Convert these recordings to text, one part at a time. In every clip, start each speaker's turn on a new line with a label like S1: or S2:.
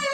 S1: Yeah,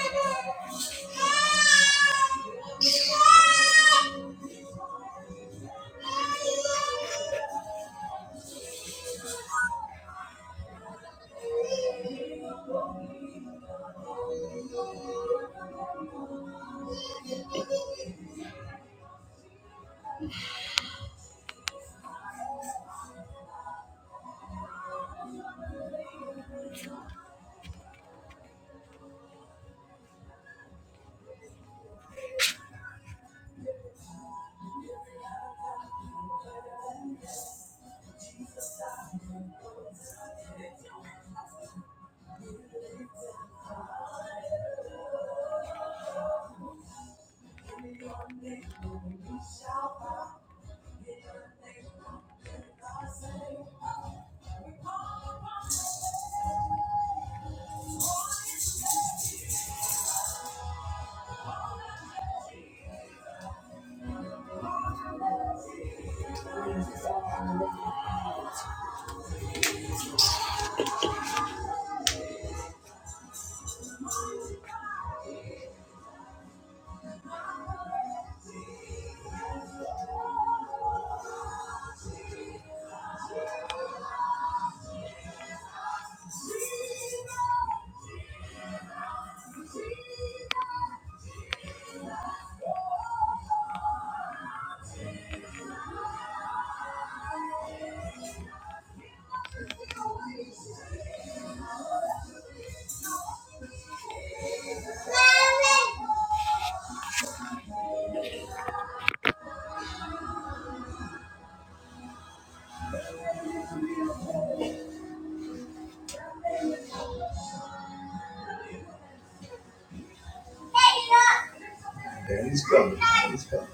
S1: he's coming. He's coming.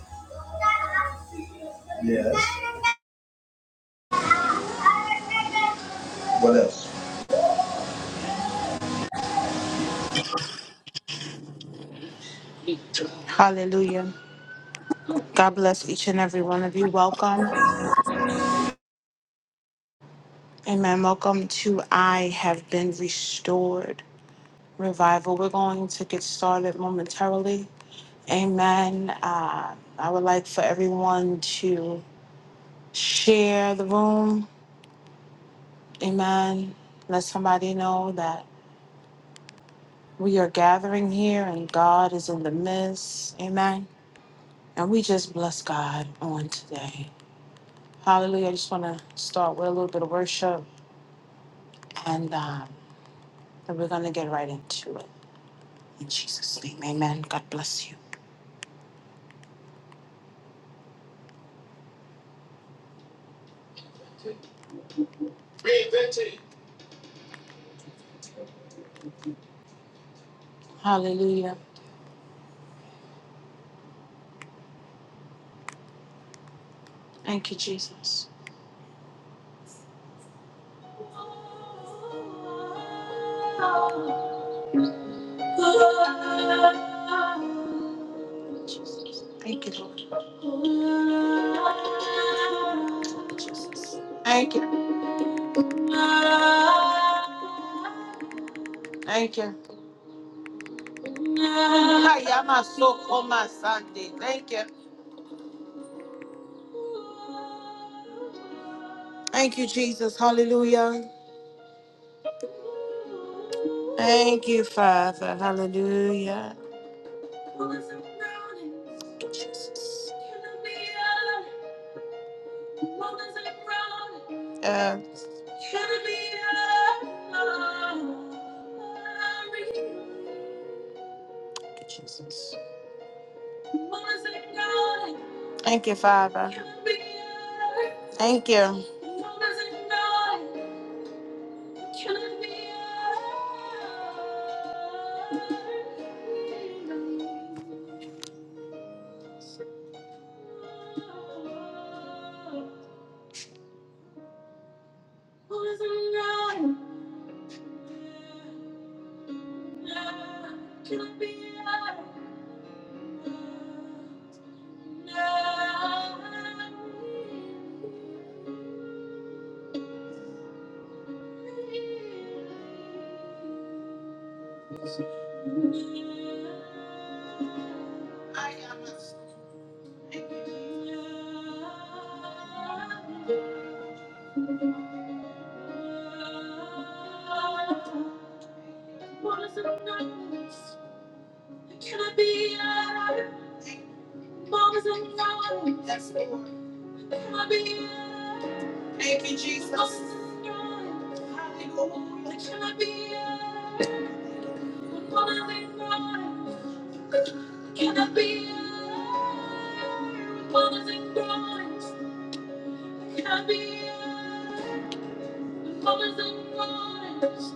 S1: Yes. What else?
S2: Hallelujah. God bless each and every one of you. Welcome. Amen. Welcome to I Have Been Restored Revival. We're going to get started momentarily. Amen. Uh, I would like for everyone to share the room. Amen. Let somebody know that we are gathering here and God is in the midst. Amen. And we just bless God on today. Hallelujah. I just want to start with a little bit of worship and. um, And we're going to get right into it. In Jesus' name, amen. God bless you. Hallelujah. Thank you, Jesus. Jesus. Thank you, Lord. Jesus. Thank you. Thank you. Hayama soko masande. Thank you. Thank you, Jesus. Hallelujah. Thank you, Father. Hallelujah. Thank you, Jesus. Uh, Jesus. Thank you, Father. Thank you. Can I be a poison girl? can I be a Can I be? alone? Mom's alone. Can I be? Can Can Can I I I be be be alone?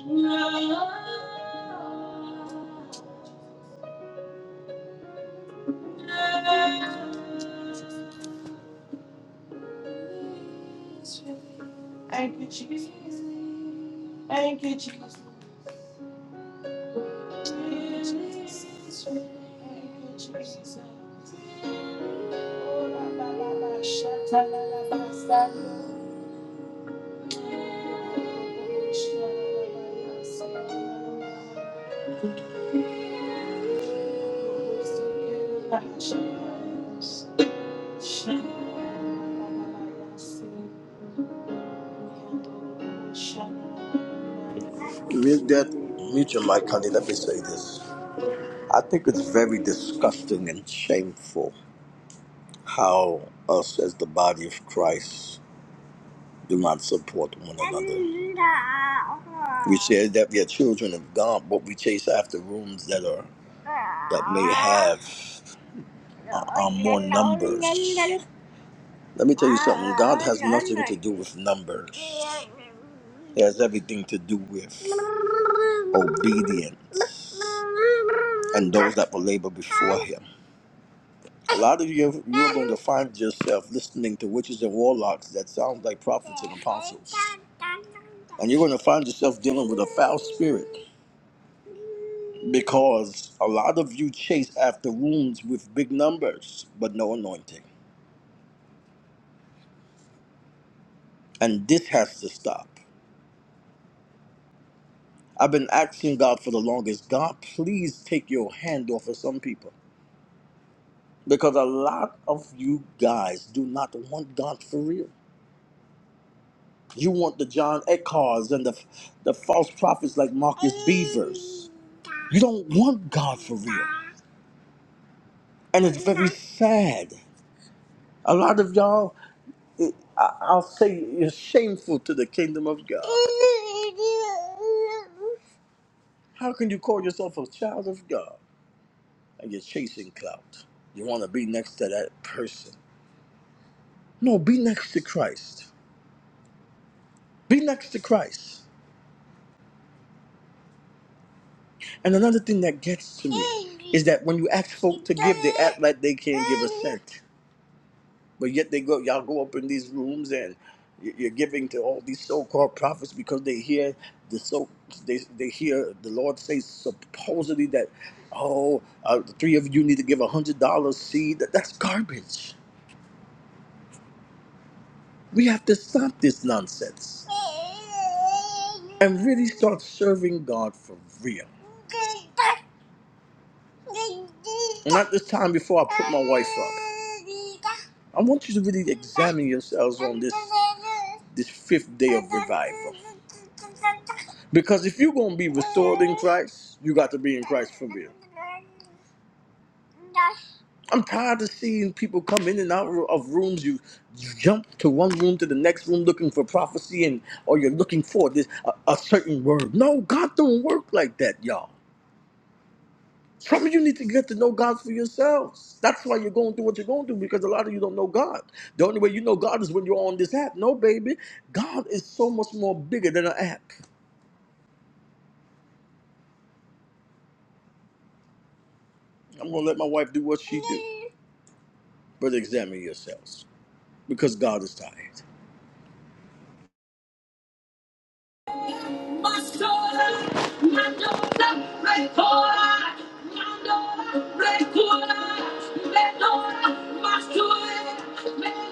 S2: Thank you, Jesus. Thank you, Jesus. Thank you, Jesus. Oh, la, la, la, la, shut, la, la, la, la, stop. Shut, la, la, la, la, stop. My
S1: Mute that. Mute your mic, honey. Let me say this. I think it's very disgusting and shameful how us as the body of Christ Do not support one another. We say that we are children of God, but we chase after rooms that are that may have uh, are more numbers. Let me tell you something. God has nothing to do with numbers. He has everything to do with obedience and those that will labor before Him. A lot of you, you are going to find yourself listening to witches and warlocks that sound like prophets and apostles. And you're going to find yourself dealing with a foul spirit because a lot of you chase after wounds with big numbers, but no anointing. And this has to stop. I've been asking God for the longest God, please take your hand off of some people because a lot of you guys do not want God for real. You want the John Eckars and the the false prophets like Marcus Beavers. You don't want God for real, and it's very sad. A lot of y'all, it, I, I'll say, is shameful to the kingdom of God. How can you call yourself a child of God and you're chasing clout? You want to be next to that person. No, be next to Christ. Be next to Christ. And another thing that gets to me is that when you ask folk to give, they act like they can't give a cent. But yet they go, y'all go up in these rooms and y- you're giving to all these so-called prophets because they hear the so they they hear the Lord say supposedly that, oh, uh, the three of you need to give a hundred dollars seed. That, that's garbage. We have to stop this nonsense and really start serving God for real. And at this time before I put my wife up. I want you to really examine yourselves on this this fifth day of revival. Because if you're gonna be restored in Christ, you got to be in Christ for real. I'm tired of seeing people come in and out of rooms. You, you jump to one room to the next room looking for prophecy, and or you're looking for this a, a certain word. No, God don't work like that, y'all. Some of you need to get to know God for yourselves. That's why you're going through what you're going through because a lot of you don't know God. The only way you know God is when you're on this app. No, baby, God is so much more bigger than an app. I'm gonna let my wife do what she do, but examine yourselves because God is tired.
S2: soul, my daughter, record, my daughter, record, my daughter, my soul, my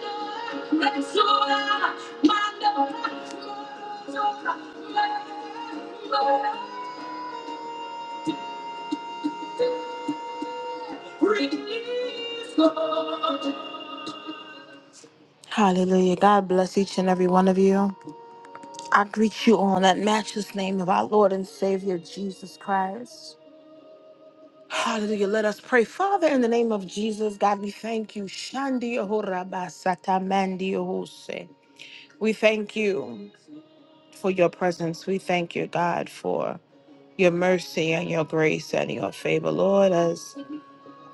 S2: Hallelujah. God bless each and every one of you. I greet you all in that matchless name of our Lord and Savior Jesus Christ. Hallelujah. Let us pray. Father, in the name of Jesus, God, we thank you. Shandi ohoraba satamandi ohose. We thank you for your presence. We thank you, God, for your mercy and your grace and your favor. Lord, as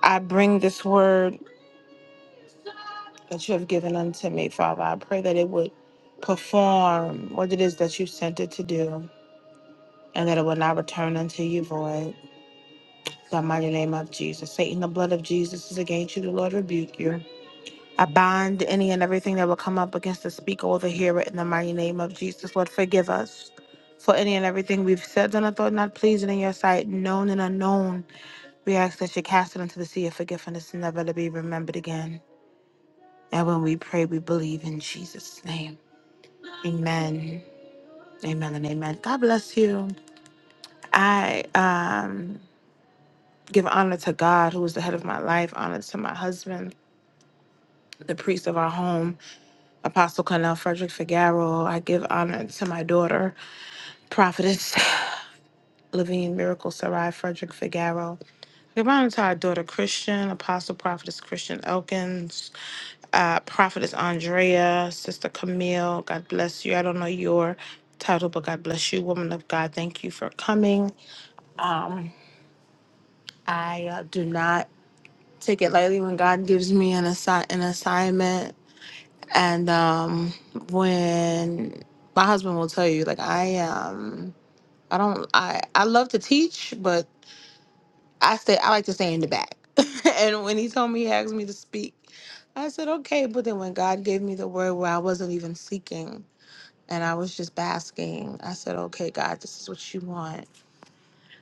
S2: I bring this word that you have given unto me, Father, I pray that it would perform what it is that you sent it to do. and that it will not return unto you void. In the mighty name of Jesus. Satan, the blood of Jesus is against you. The Lord rebuke you. I bind any and everything that will come up against the speaker or the hearer in the mighty name of Jesus. Lord, forgive us for any and everything we've said, done, or thought not pleasing in your sight, known and unknown. We ask that you cast it into the sea of forgiveness and never to be remembered again. And when we pray, we believe in Jesus' name. Amen. Amen and amen. God bless you. I um give honor to God, who is the head of my life, honor to my husband, the priest of our home, Apostle Cornell Frederick Figaro. I give honor to my daughter, Prophetess Levine Miracle Sarai Frederick Figaro. Give honor to our daughter Christian, Apostle Prophetess Christian Elkins, uh, Prophetess Andrea, Sister Camille. God bless you. I don't know your title, but God bless you, woman of God. Thank you for coming. Um, I uh, do not take it lightly when God gives me an, assi- an assignment And um, when my husband will tell you, like I um, I don't, I I love to teach, but I stay, I like to stay in the back. and when he told me he asked me to speak, I said okay. But then when God gave me the word where I wasn't even seeking and I was just basking, I said okay, God, this is what you want.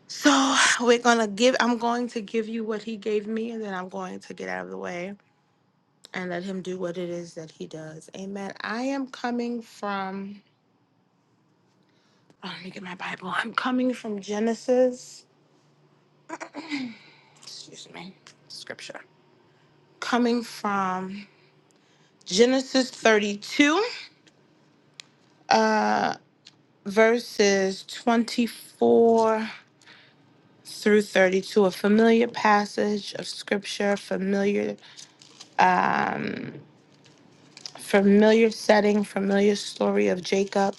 S2: So we're gonna give. I'm going to give you what He gave me, and then I'm going to get out of the way and let Him do what it is that He does. Amen. I am coming from. Oh, let me get my Bible. I'm coming from Genesis. Excuse me. Scripture. Coming from Genesis 32, uh, verses 24 through 32. A familiar passage of scripture, familiar, um, familiar setting, familiar story of Jacob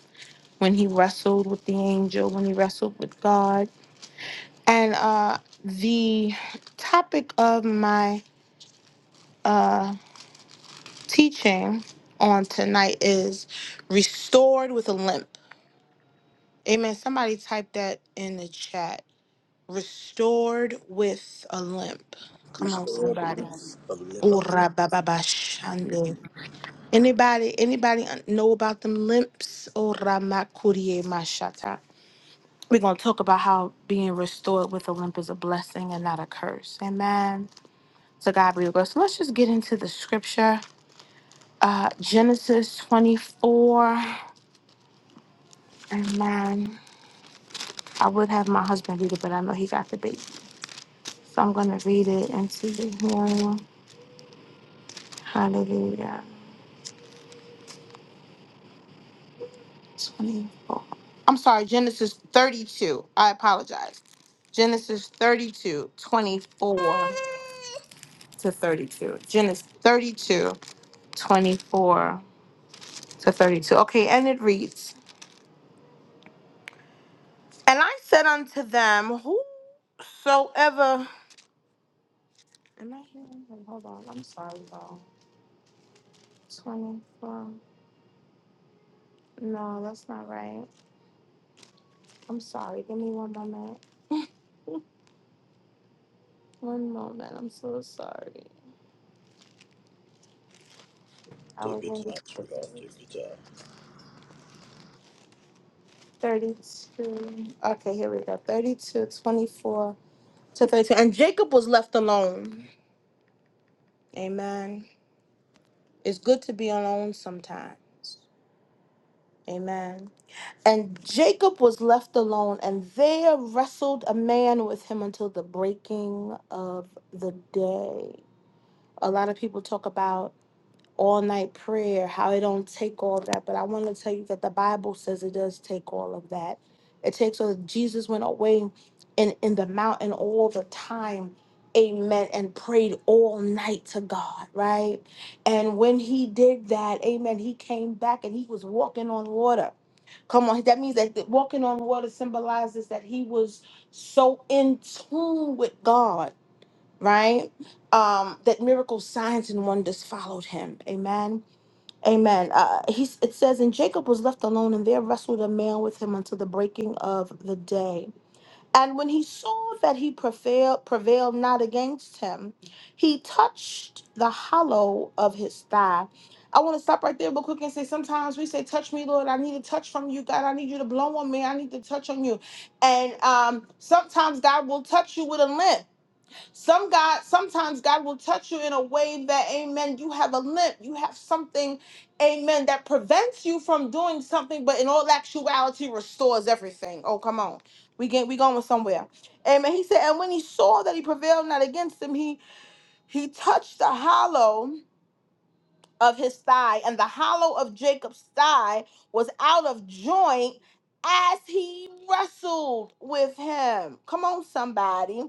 S2: when he wrestled with the angel, when he wrestled with God, and uh, the topic of my. uh, teaching on tonight is restored with a limp. Amen. Somebody type that in the chat. Restored with a limp. Come on,
S1: Restore the
S2: somebody.
S1: limits of limits.
S2: Ora ba ba Anybody, anybody know about them limps? Ora ma kurie We're going to talk about how being restored with a limp is a blessing and not a curse. Amen. So God be the glory. So let's just get into the scripture. Uh, Genesis 24. And mine, I would have my husband read it, but I know he got the baby. So I'm going to read it into the hearing. Hallelujah. 24. I'm sorry, Genesis 32. I apologize. Genesis thirty-two, twenty-four to 32. Genesis 32, 24 to 32. Okay, and it reads And I said unto them, Whosoever. Am I hearing? him? Hold on. I'm sorry, y'all. 24. No, that's not right. I'm sorry. Give me one moment. One moment. I'm so sorry. I
S1: Take
S2: was
S1: your
S2: in
S1: time, sweetheart. Take your time.
S2: 32. Okay, here we go. 32, 24 to 32. And Jacob was left alone. Amen. It's good to be alone sometimes. Amen. And Jacob was left alone, and there wrestled a man with him until the breaking of the day. A lot of people talk about all night prayer, how it don't take all that. But I want to tell you that the Bible says it does take all of that. It takes all Jesus went away in, in the mountain all the time. Amen. And prayed all night to God, right? And when he did that, amen, he came back and he was walking on water. Come on, that means that the- walking on water symbolizes that he was so in tune with God right? Um, that miracles, signs, and wonders followed him. Amen. Amen. Uh, he, it says, And Jacob was left alone, and there wrestled a man with him until the breaking of the day. And when he saw that he prevailed, prevailed not against him, he touched the hollow of his thigh. I want to stop right there real quick and say sometimes we say, Touch me, Lord. I need a touch from you, God. I need you to blow on me. I need to touch on you. And um, sometimes God will touch you with a limp. Some God, sometimes God will touch you in a way that, amen, you have a limp, you have something, amen, that prevents you from doing something, but in all actuality restores everything. Oh, come on. We get we going somewhere. Amen. He said, and when he saw that he prevailed not against him, he he touched the hollow of his thigh, and the hollow of Jacob's thigh was out of joint as he wrestled with him. Come on, somebody.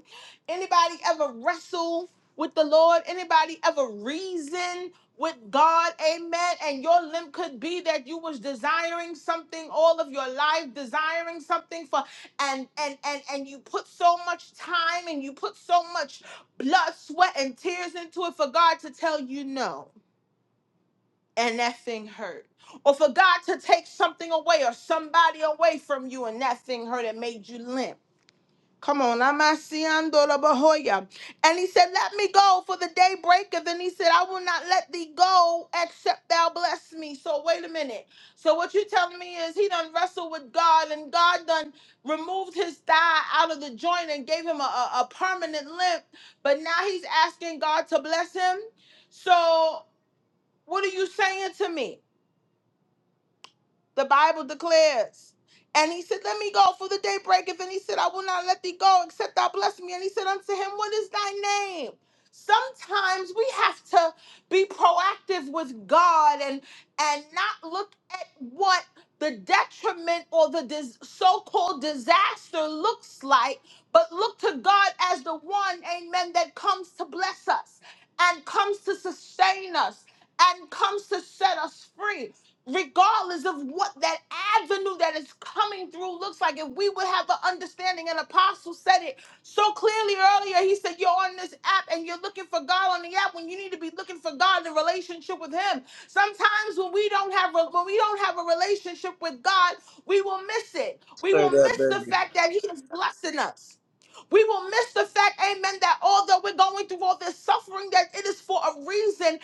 S2: Anybody ever wrestle with the Lord? Anybody ever reason with God? Amen. And your limb could be that you was desiring something all of your life, desiring something for and and and and you put so much time and you put so much blood, sweat, and tears into it for God to tell you no and that thing hurt. Or for God to take something away or somebody away from you and that thing hurt and made you limp. Come on, I'm asiando la bahoya. And he said, Let me go for the day breaketh. And he said, I will not let thee go except thou bless me. So wait a minute. So what you telling me is he done wrestled with God and God done removed his thigh out of the joint and gave him a, a a permanent limp. But now he's asking God to bless him. So what are you saying to me? The Bible declares. And he said, Let me go, for the day breaketh. And he said, I will not let thee go except thou bless me. And he said unto him, What is thy name? Sometimes we have to be proactive with God and and not look at what the detriment or the dis- so-called disaster looks like, but look to God as the one, amen, that comes to bless us and comes to sustain us and comes to set us free regardless of what that avenue that is coming through looks like, if we would have the understanding, and Apostle said it so clearly earlier, he said, You're on this app and you're looking for God on the app when you need to be looking for God in relationship with Him. Sometimes when we don't have a, when we don't have a relationship with God, we will miss it. We
S1: Say
S2: will
S1: that,
S2: miss the
S1: baby.
S2: fact that He is blessing us. We will miss the fact, amen, that although we're going through all this suffering, that it is for a reason,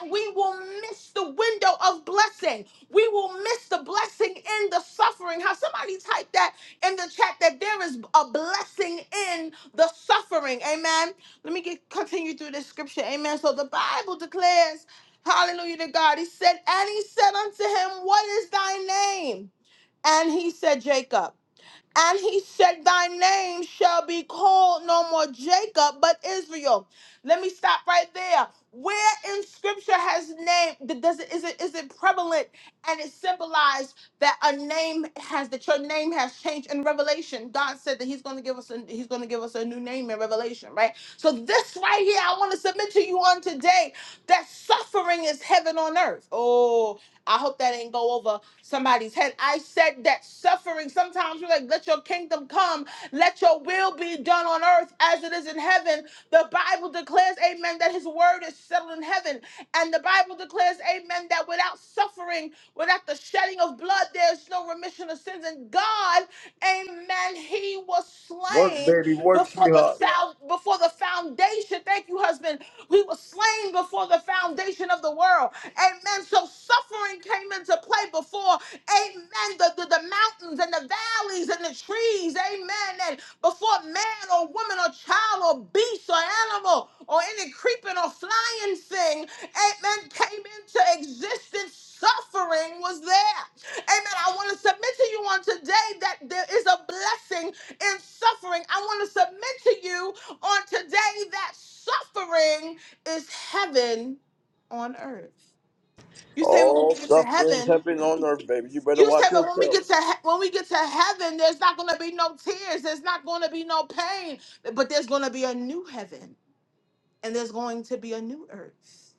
S2: and we will miss the window of blessing. We will miss the blessing in the suffering. How somebody typed that in the chat that there is a blessing in the suffering. Amen. Let me get continue through this scripture. Amen. So the Bible declares, Hallelujah to God. He said, and he said unto him, What is thy name? And he said, Jacob. And he said, Thy name shall be called no more Jacob, but Israel. Let me stop right there. Where in scripture has name th- does it is it is it prevalent and it symbolized that a name has that your name has changed in Revelation? God said that He's gonna give us a He's gonna give us a new name in Revelation, right? So this right here, I want to submit to you on today that suffering is heaven on earth. Oh, I hope that ain't go over somebody's head. I said that suffering, sometimes we're like, let your kingdom come, let your will be done on earth as it is in heaven. The Bible declares, amen, that his word is settled in heaven. And the Bible declares, amen, that without suffering, without the shedding of blood, there's no remission of sins. And God Amen. He was
S1: Work,
S2: slain
S1: baby. Work,
S2: before the
S1: sweetheart.
S2: sal- before the foundation. Thank you, husband. He was slain before the foundation of the world. Amen. So suffering came into play before. Amen. The, the, the mountains and the valleys and the trees disease, amen, that before man or woman or child or beast or animal or any creeping or flying thing, amen, came into existence, suffering was there. Amen. I want to submit to you on today that there is a blessing in suffering. I want to submit to you on today that suffering is heaven on earth. You say, well, when
S1: All
S2: we get to
S1: sufferings happen
S2: heaven,
S1: on earth, baby. You better
S2: you said,
S1: watch
S2: but when we
S1: yourself.
S2: get to he- when we get to heaven, there's not going to be no tears. There's not going to be no pain. But there's going to be a new heaven, and there's going to be a new earth.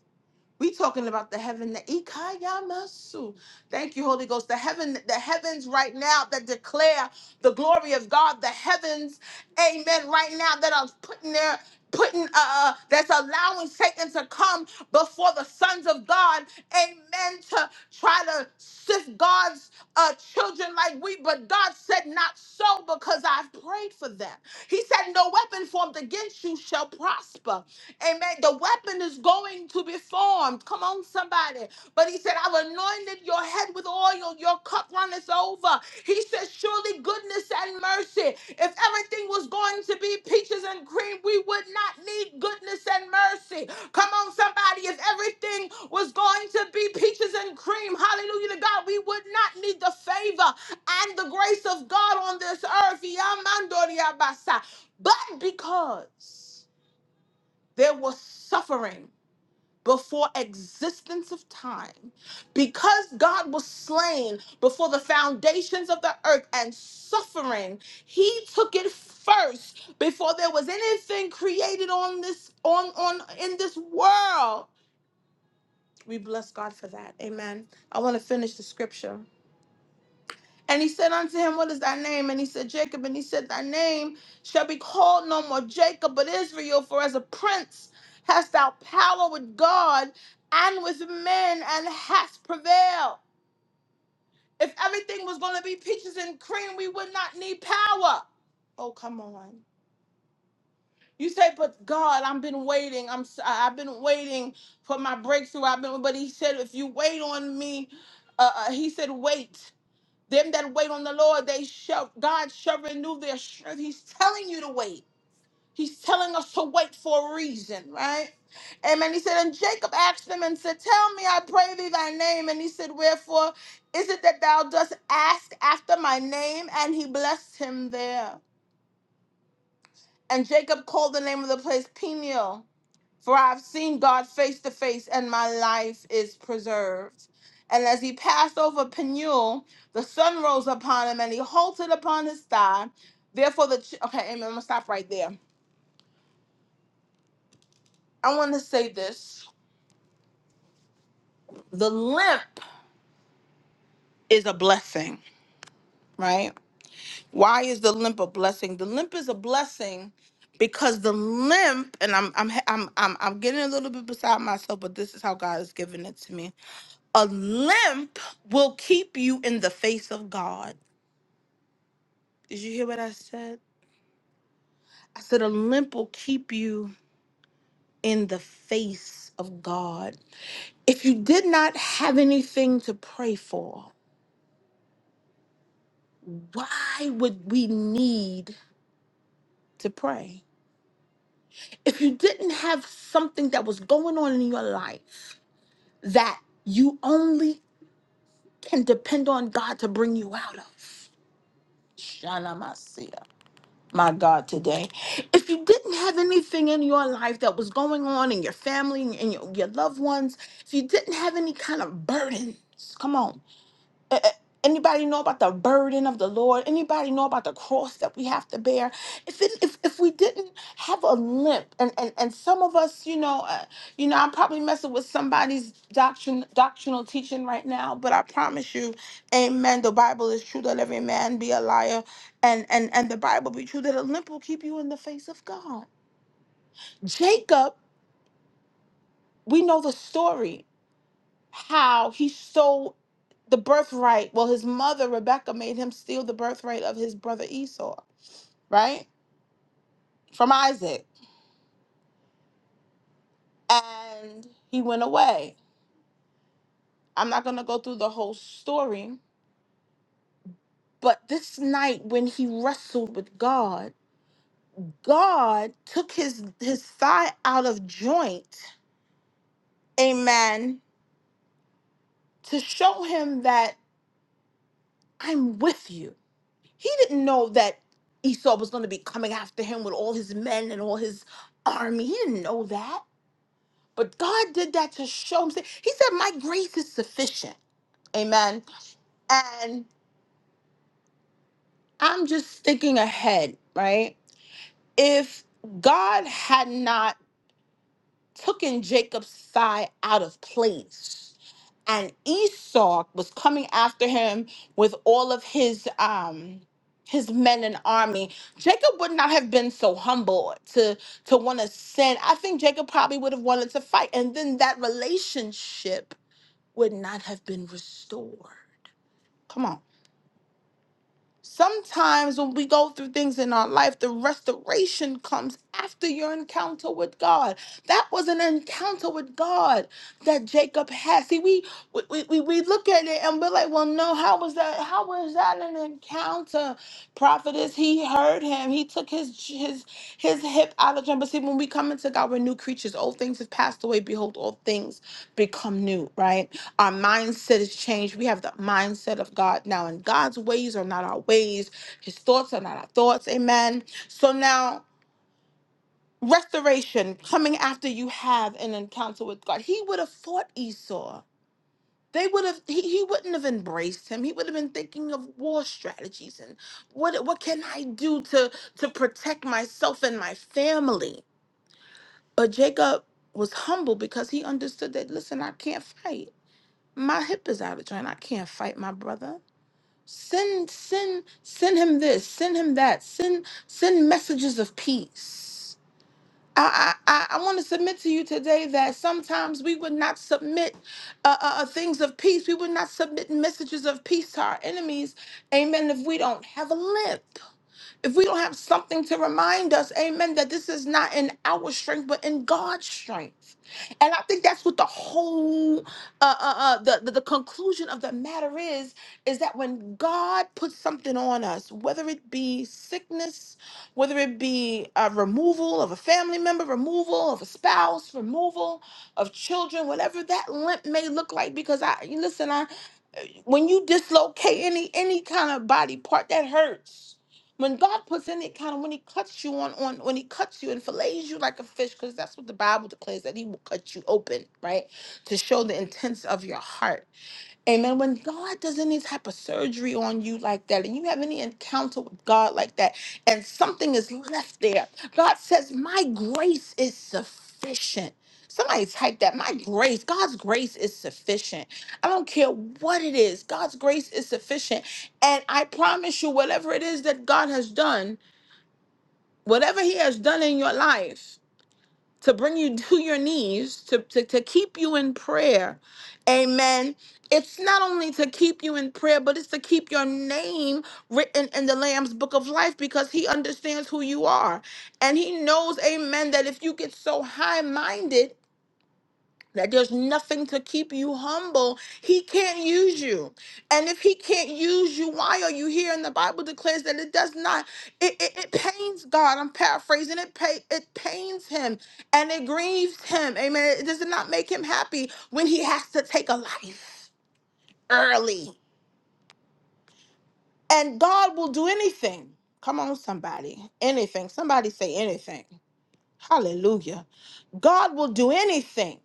S2: We talking about the heaven, the ikayamasu. Thank you, Holy Ghost. The heaven, the heavens right now that declare the glory of God. The heavens, amen, right now that are putting their putting uh uh, that's allowing Satan to come before the sons of God, amen, to try to sift God's uh children like we, but God said not so because I've prayed for them. He said, No weapon formed against you shall prosper. Amen. The weapon is going to before formed. Come on, somebody. But he said, I've anointed your head with oil. Your cup runneth over. He says, Surely goodness and mercy. If everything was going to be peaches and cream, we would not need goodness and mercy. Come on, somebody. If everything was going to be peaches and cream, hallelujah to God, we would not need the favor and the grace of God on this earth. Yamandoriabasa. But because there was suffering, before existence of time because god was slain before the foundations of the earth and suffering he took it first before there was anything created on this on on in this world we bless god for that amen i want to finish the scripture and he said unto him, What is thy name? And he said, Jacob. And he said, Thy name shall be called no more Jacob, but Israel, for as a prince hast thou power with God and with men, and hast prevailed. If everything was going to be peaches and cream, we would not need power. Oh, come on. You say, but God, I've been waiting. I'm, s- I- I've been waiting for my breakthrough. I've been, but He said, if you wait on me, uh, uh, He said, wait. Them that wait on the Lord, they shall God shall renew their strength. He's telling you to wait. He's telling us to wait for a reason, right? Amen. He said, and Jacob asked him and said, Tell me, I pray thee thy name. And he said, Wherefore is it that thou dost ask after my name? And he blessed him there. And Jacob called the name of the place Peniel for I've seen God face to face, and my life is preserved. And as he passed over Peniel, the sun rose upon him, and he halted upon his thigh. Therefore, the ch- okay, amen. I'm gonna stop right there. I want to say this: the limp is a blessing, right? Why is the limp a blessing? The limp is a blessing because the limp, and I'm I'm I'm I'm, I'm getting a little bit beside myself, but this is how God has given it to me A limp will keep you in the face of God. Did you hear what I said? I said, a limp will keep you in the face of God. If you did not have anything to pray for, why would we need to pray? If you didn't have something that was going on in your life that you only can depend on God to bring you out of, my God, today. If you didn't have anything in your life that was going on in your family and your, your loved ones, if you didn't have any kind of burdens, come on. A- a- Anybody know about the burden of the Lord? Anybody know about the cross that we have to bear? If it, if, if we didn't have a limp, and, and, and some of us, you know, uh, you know, I'm probably messing with somebody's doctrine, doctrinal teaching right now, but I promise you, Amen. The Bible is true. That every man be a liar, and and and the Bible be true. That a limp will keep you in the face of God. Jacob, we know the story how he stole the birthright. Well, his mother, Rebecca, made him steal the birthright of his brother Esau, right? From Isaac. And he went away. I'm not going to go through the whole story, but this night when he wrestled with God, God took his his thigh out of joint. Amen. To show him that I'm with you. He didn't know that Esau was going to be coming after him with all his men and all his army. He didn't know that. But God did that to show him. He said, My grace is sufficient. Amen. And I'm just thinking ahead, right? If God had not taken Jacob's thigh out of place. And Esau was coming after him with all of his um his men and army. Jacob would not have been so humble to to want to sin. I think Jacob probably would have wanted to fight, and then that relationship would not have been restored. Come on. Sometimes when we go through things in our life, the restoration comes after your encounter with God. That was an encounter with God that Jacob had. See, we we, we, we look at it and we're like, well, no, how was that? How was that an encounter? prophetess he heard him he took his his his hip out of jump but see when we come into god we're new creatures old things have passed away behold all things become new right our mindset is changed we have the mindset of god now and god's ways are not our ways his thoughts are not our thoughts amen so now restoration coming after you have an encounter with god he would have fought esau they would have he, he wouldn't have embraced him he would have been thinking of war strategies and what what can i do to to protect myself and my family but jacob was humble because he understood that listen i can't fight my hip is out of joint i can't fight my brother send send send him this send him that send send messages of peace I, I, I want to submit to you today that sometimes we would not submit uh, uh, uh, things of peace. We would not submit messages of peace to our enemies. Amen. If we don't have a limp if we don't have something to remind us, amen, that this is not in our strength, but in God's strength. And I think that's what the whole, uh, uh, uh, the, the, the conclusion of the matter is, is that when God puts something on us, whether it be sickness, whether it be a removal of a family member, removal of a spouse, removal of children, whatever that limp may look like, because I, listen, I. When you dislocate any any kind of body part that hurts. When God puts any kind of when He cuts you on on when He cuts you and fillets you like a fish, because that's what the Bible declares that He will cut you open, right? To show the intents of your heart Amen. When God does any type of surgery on you like that, and you have any encounter with God like that, and something is left there, God says, My grace is sufficient. Somebody type that. My grace, God's grace is sufficient. I don't care what it is, God's grace is sufficient. And I promise you, whatever it is that God has done, whatever He has done in your life, to bring you to your knees, to, to, to keep you in prayer. Amen. It's not only to keep you in prayer, but it's to keep your name written in the Lamb's book of life because he understands who you are. And he knows, amen, that if you get so high minded, that there's nothing to keep you humble. He can't use you. And if he can't use you, why are you here? And the Bible declares that it does not, it, it, it pains God. I'm paraphrasing. It pay, it pains him and it grieves him. Amen. It does not make him happy when he has to take a life early. And God will do anything. Come on, somebody. Anything. Somebody say anything. Hallelujah. God will do anything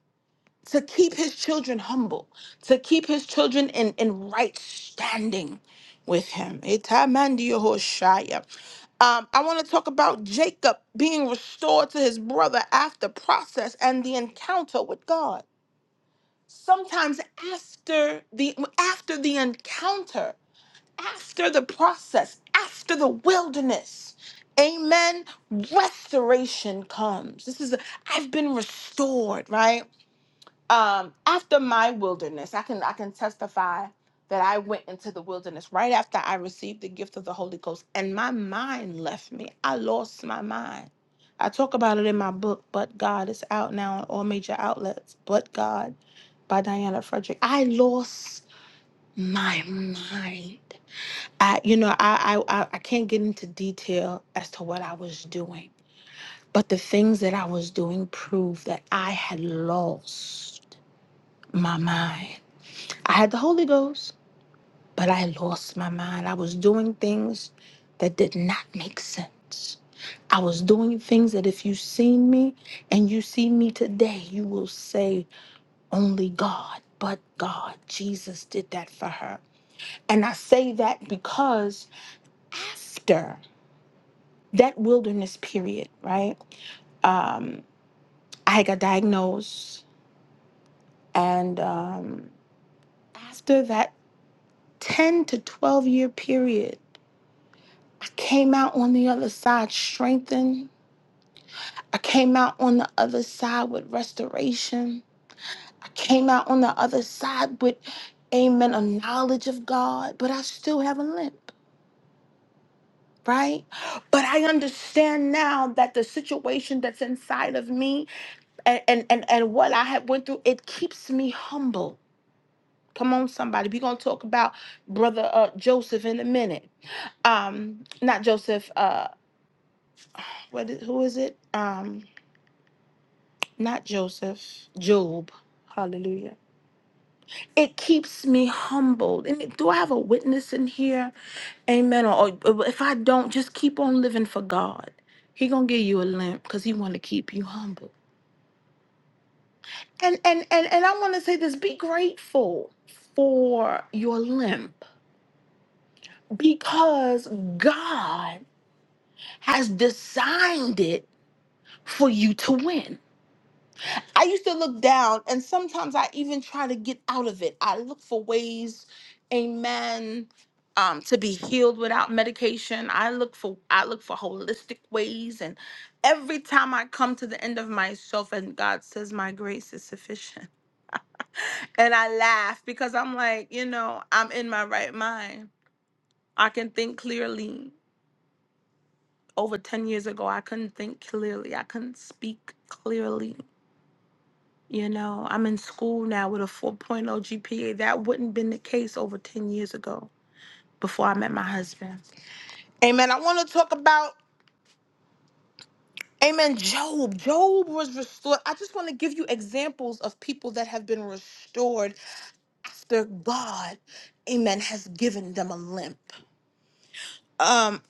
S2: to keep his children humble, to keep his children in, in right standing with him. Itamandiyohoshaya. Um, I want to talk about Jacob being restored to his brother after process and the encounter with God. Sometimes after the after the encounter, after the process, after the wilderness, amen, restoration comes. This is I've been restored, right? um after my wilderness i can i can testify that i went into the wilderness right after i received the gift of the holy ghost and my mind left me i lost my mind i talk about it in my book but god it's out now on all major outlets but god by diana frederick i lost my mind i you know i i i I can't get into detail as to what i was doing but the things that i was doing proved that i had lost my mind I had the Holy Ghost, but I lost my mind. I was doing things that did not make sense. I was doing things that if you seen me and you see me today, you will say, only God, but God, Jesus did that for her. And I say that because after that wilderness period, right? Um, I got diagnosed. And um, after that 10 to 12 year period, I came out on the other side strengthened. I came out on the other side with restoration. I came out on the other side with, amen, a knowledge of God, but I still have a limp, right? But I understand now that the situation that's inside of me and, and, and, and what I have went through, it keeps me humble. Come on, somebody. We're going to talk about brother uh, Joseph in a minute. Um, not Joseph, uh, what is, who is it? Um, not Joseph, Job. Hallelujah. It keeps me humbled. And do I have a witness in here? Amen. Or, or if I don't, just keep on living for God. He gonna give you a limp because he want to keep you humble. And and and and I want to say this: be grateful for your limp because God has designed it for you to win. I used to look down, and sometimes I even try to get out of it. I look for ways, amen, um, to be healed without medication. I look for I look for holistic ways, and every time I come to the end of myself, and God says my grace is sufficient, and I laugh because I'm like, you know, I'm in my right mind. I can think clearly. Over ten years ago, I couldn't think clearly. I couldn't speak clearly. You know, I'm in school now with a 4.0 GPA. That wouldn't been the case over 10 years ago before I met my husband. Amen. I want to talk about, amen, Job. Job was restored. I just want to give you examples of people that have been restored after God, amen, has given them a limp. Um,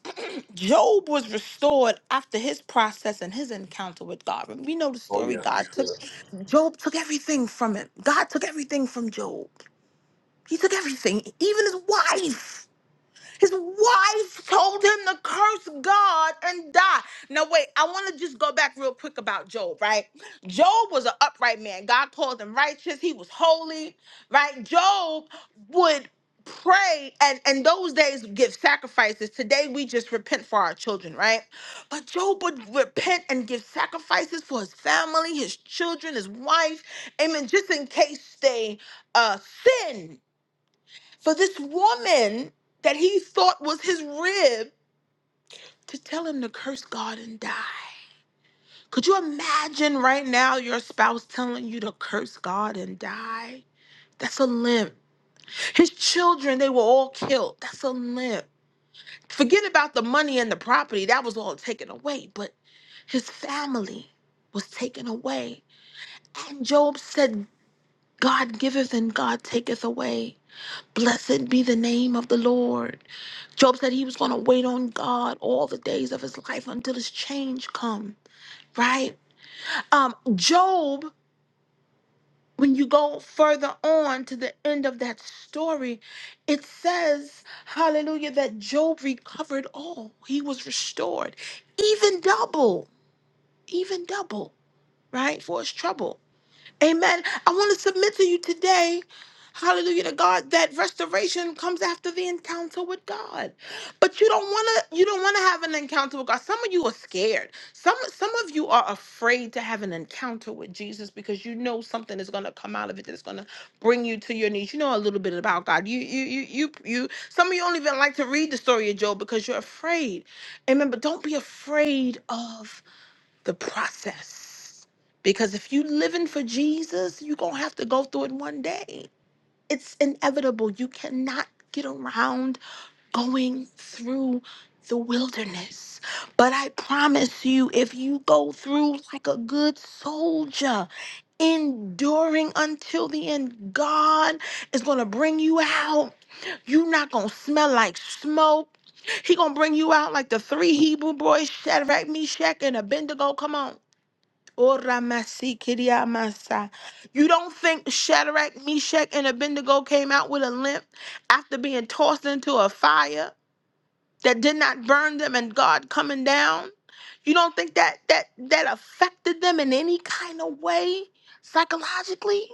S2: Job was restored after his process and his encounter with God. We know the
S1: Oh
S2: story. God took
S1: yeah.
S2: Job took everything from him. God took everything from Job. He took everything, even his wife. His wife told him to curse God and die. Now, wait, I want to just go back real quick about Job, right? Job was an upright man. God called him righteous. He was holy, right? Job would pray and in those days give sacrifices. Today, we just repent for our children, right? But Job would repent and give sacrifices for his family, his children, his wife. Amen. Just in case they uh, sinned for this woman that he thought was his rib to tell him to curse God and die. Could you imagine right now your spouse telling you to curse God and die? That's a limp. His children, they were all killed. That's a limp. Forget about the money and the property, that was all taken away, but his family was taken away. And Job said, God giveth and God taketh away. Blessed be the name of the Lord. Job said he was going to wait on God all the days of his life until his change come, right? Um Job, when you go further on to the end of that story, it says, hallelujah, that Job recovered all. He was restored, even double, even double, right? For his trouble. Amen. I want to submit to you today. Hallelujah to God that restoration comes after the encounter with God. But you don't want to you don't want to have an encounter with God. Some of you are scared. Some some of you are afraid to have an encounter with Jesus because you know something is going to come out of it that's going to bring you to your knees. You know a little bit about God. You you you you you some of you don't even like to read the story of Job because you're afraid. Amen. But don't be afraid of the process. Because if you living for Jesus, you're going to have to go through it one day. It's inevitable. You cannot get around going through the wilderness. But I promise you, if you go through like a good soldier, enduring until the end, God is going to bring you out. You're not going to smell like smoke. He going to bring you out like the three Hebrew boys, Shadrach, Meshach, and Abednego. Come on. Oh, Ramasikiria You don't think Shadrach, Meshach, and Abednego came out with a limp after being tossed into a fire that did not burn them and God coming down? You don't think that that that affected them in any kind of way psychologically?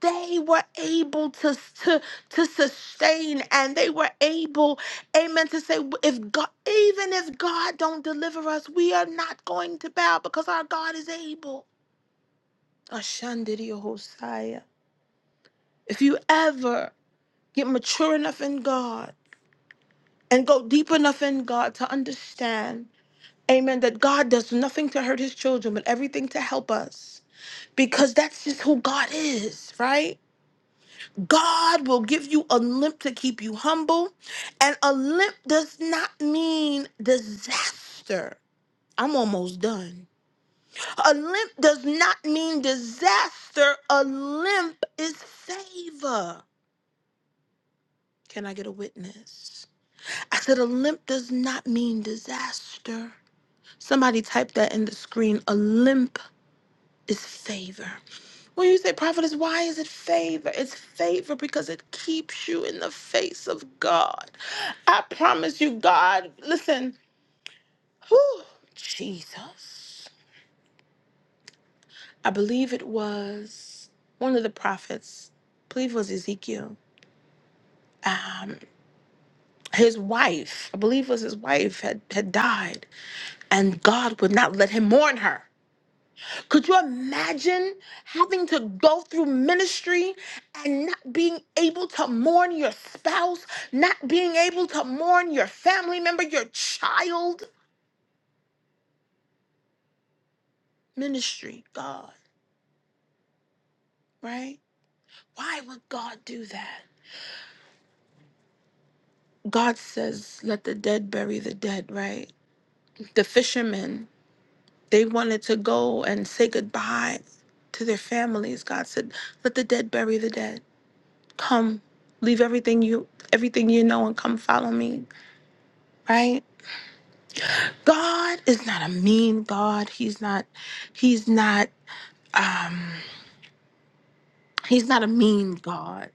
S2: They were able to, to, to sustain and they were able, amen, to say, if God, even if God don't deliver us, we are not going to bow because our God is able. Ashandiri Hosea. If you ever get mature enough in God and go deep enough in God to understand, amen, that God does nothing to hurt his children, but everything to help us, because that's just who God is, right? God will give you a limp to keep you humble, and a limp does not mean disaster. I'm almost done. A limp does not mean disaster. A limp is favor. Can I get a witness? I said, a limp does not mean disaster. Somebody typed that in the screen. A limp is favor. When you say prophetess, why is it favor? It's favor because it keeps you in the face of God. I promise you, God, listen, whew, Jesus. I believe it was one of the prophets, I believe it was Ezekiel. Um, his wife, I believe it was his wife, had, had died. and God would not let him mourn her. Could you imagine having to go through ministry and not being able to mourn your spouse, not being able to mourn your family member, your child? Ministry, God, right? Why would God do that? God says, let the dead bury the dead, right? The fishermen, they wanted to go and say goodbye to their families. God said, let the dead bury the dead. Come, leave everything you everything you know and come follow me, right? God is not a mean God. He's not he's not um he's not a mean God.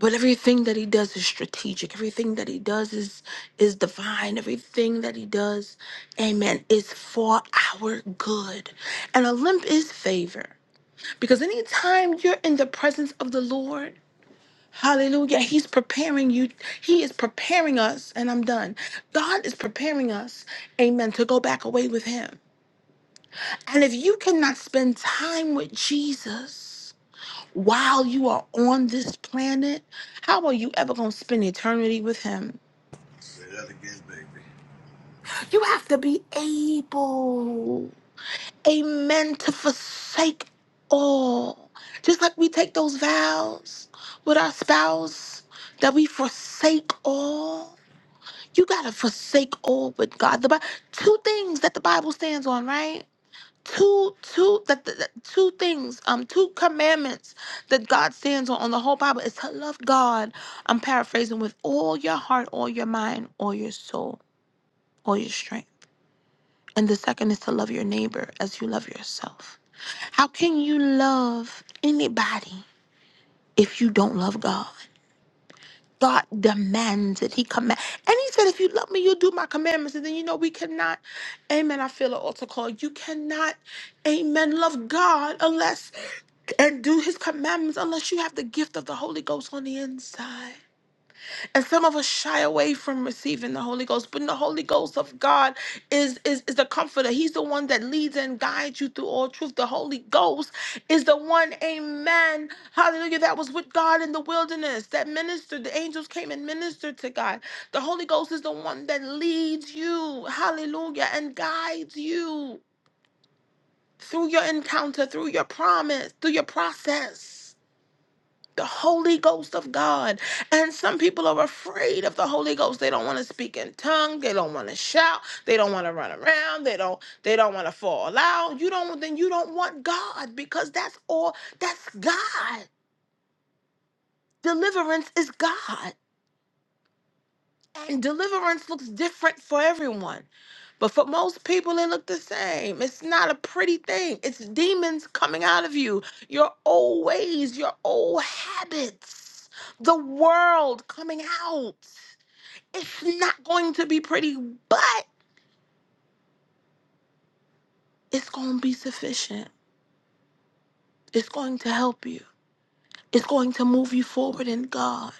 S2: But everything that he does is strategic. Everything that he does is is divine. Everything that he does, amen, is for our good. And a limp is favor. Because anytime you're in the presence of the Lord, Hallelujah. He's preparing you. He is preparing us, and I'm done. God is preparing us, amen, to go back away with Him. And if you cannot spend time with Jesus while you are on this planet, how are you ever going to spend eternity with Him? You have to be able, amen, to forsake all. Just like we take those vows with our spouse that we forsake all. You gotta forsake all but God. The Bi- two things that the Bible stands on, right? Two, two that the, that- two things, um, two commandments that God stands on on the whole Bible is to love God. I'm paraphrasing with all your heart, all your mind, all your soul, all your strength. And the second is to love your neighbor as you love yourself. How can you love anybody if you don't love God? God demands it. He command, and He said, "If you love Me, you'll do My commandments." And then you know we cannot, Amen. I feel an altar call. You cannot, Amen. Love God unless and do His commandments unless you have the gift of the Holy Ghost on the inside. And some of us shy away from receiving the Holy Ghost, but the Holy Ghost of God is, is, is the comforter. He's the one that leads and guides you through all truth. The Holy Ghost is the one, amen, hallelujah, that was with God in the wilderness, that ministered. The angels came and ministered to God. The Holy Ghost is the one that leads you, hallelujah, and guides you through your encounter, through your promise, through your process the Holy Ghost of God. And some people are afraid of the Holy Ghost. They don't want to speak in tongues. They don't want to shout. They don't want to run around. They don't they don't want to fall out. You don't then you don't want God because that's all that's God. Deliverance is God. And deliverance looks different for everyone. But for most people, it look the same. It's not a pretty thing. It's demons coming out of you, your old ways, your old habits, the world coming out. It's not going to be pretty, but it's going to be sufficient. It's going to help you. It's going to move you forward in God.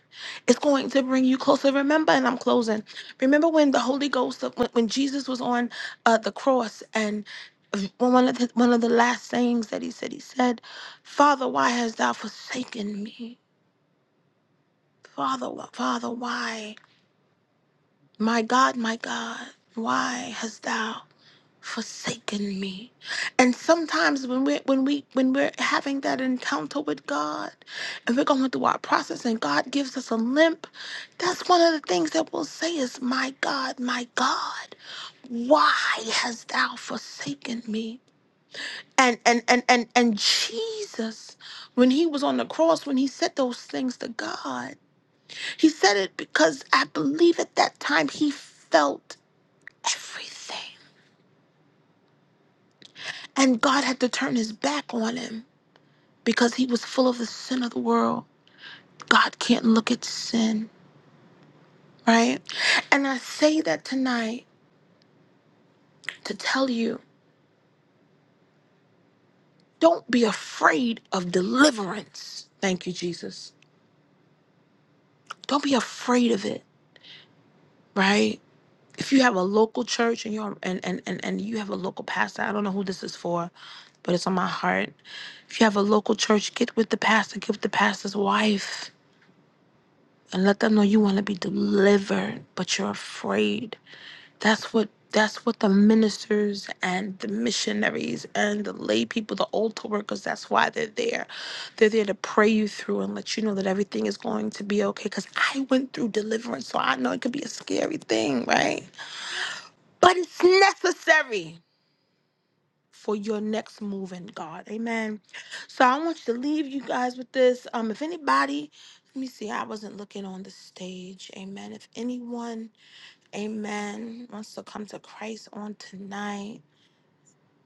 S2: It's going to bring you closer. Remember, and I'm closing. Remember when the Holy Ghost, when, when Jesus was on uh, the cross, and one of the, one of the last things that he said, he said, "Father, why hast thou forsaken me? Father, wh- Father, why? My God, my God, why hast thou?" forsaken me and sometimes when we when we when we're having that encounter with god and we're going through our process and god gives us a limp that's one of the things that we'll say is my god my god why hast thou forsaken me and and and and, and jesus when he was on the cross when he said those things to god he said it because i believe at that time he felt everything and god had to turn his back on him because he was full of the sin of the world. God can't look at sin, right? And I say that tonight to tell you don't be afraid of deliverance. Thank you, Jesus. Don't be afraid of it, right? If you have a local church and you're and, and, and, and you have a local pastor, I don't know who this is for, but it's on my heart. If you have a local church, get with the pastor, get with the pastor's wife, and let them know you want to be delivered, but you're afraid That's what that's what the ministers and the missionaries and the lay people, the altar workers, that's why they're there. They're there to pray you through and let you know that everything is going to be okay. Cause I went through deliverance, so I know it could be a scary thing, right? But it's necessary for your next move in God. Amen. So I want you to leave you guys with this. Um, if anybody, let me see, I wasn't looking on the stage. Amen. If anyone Amen. Wants to come to Christ on tonight.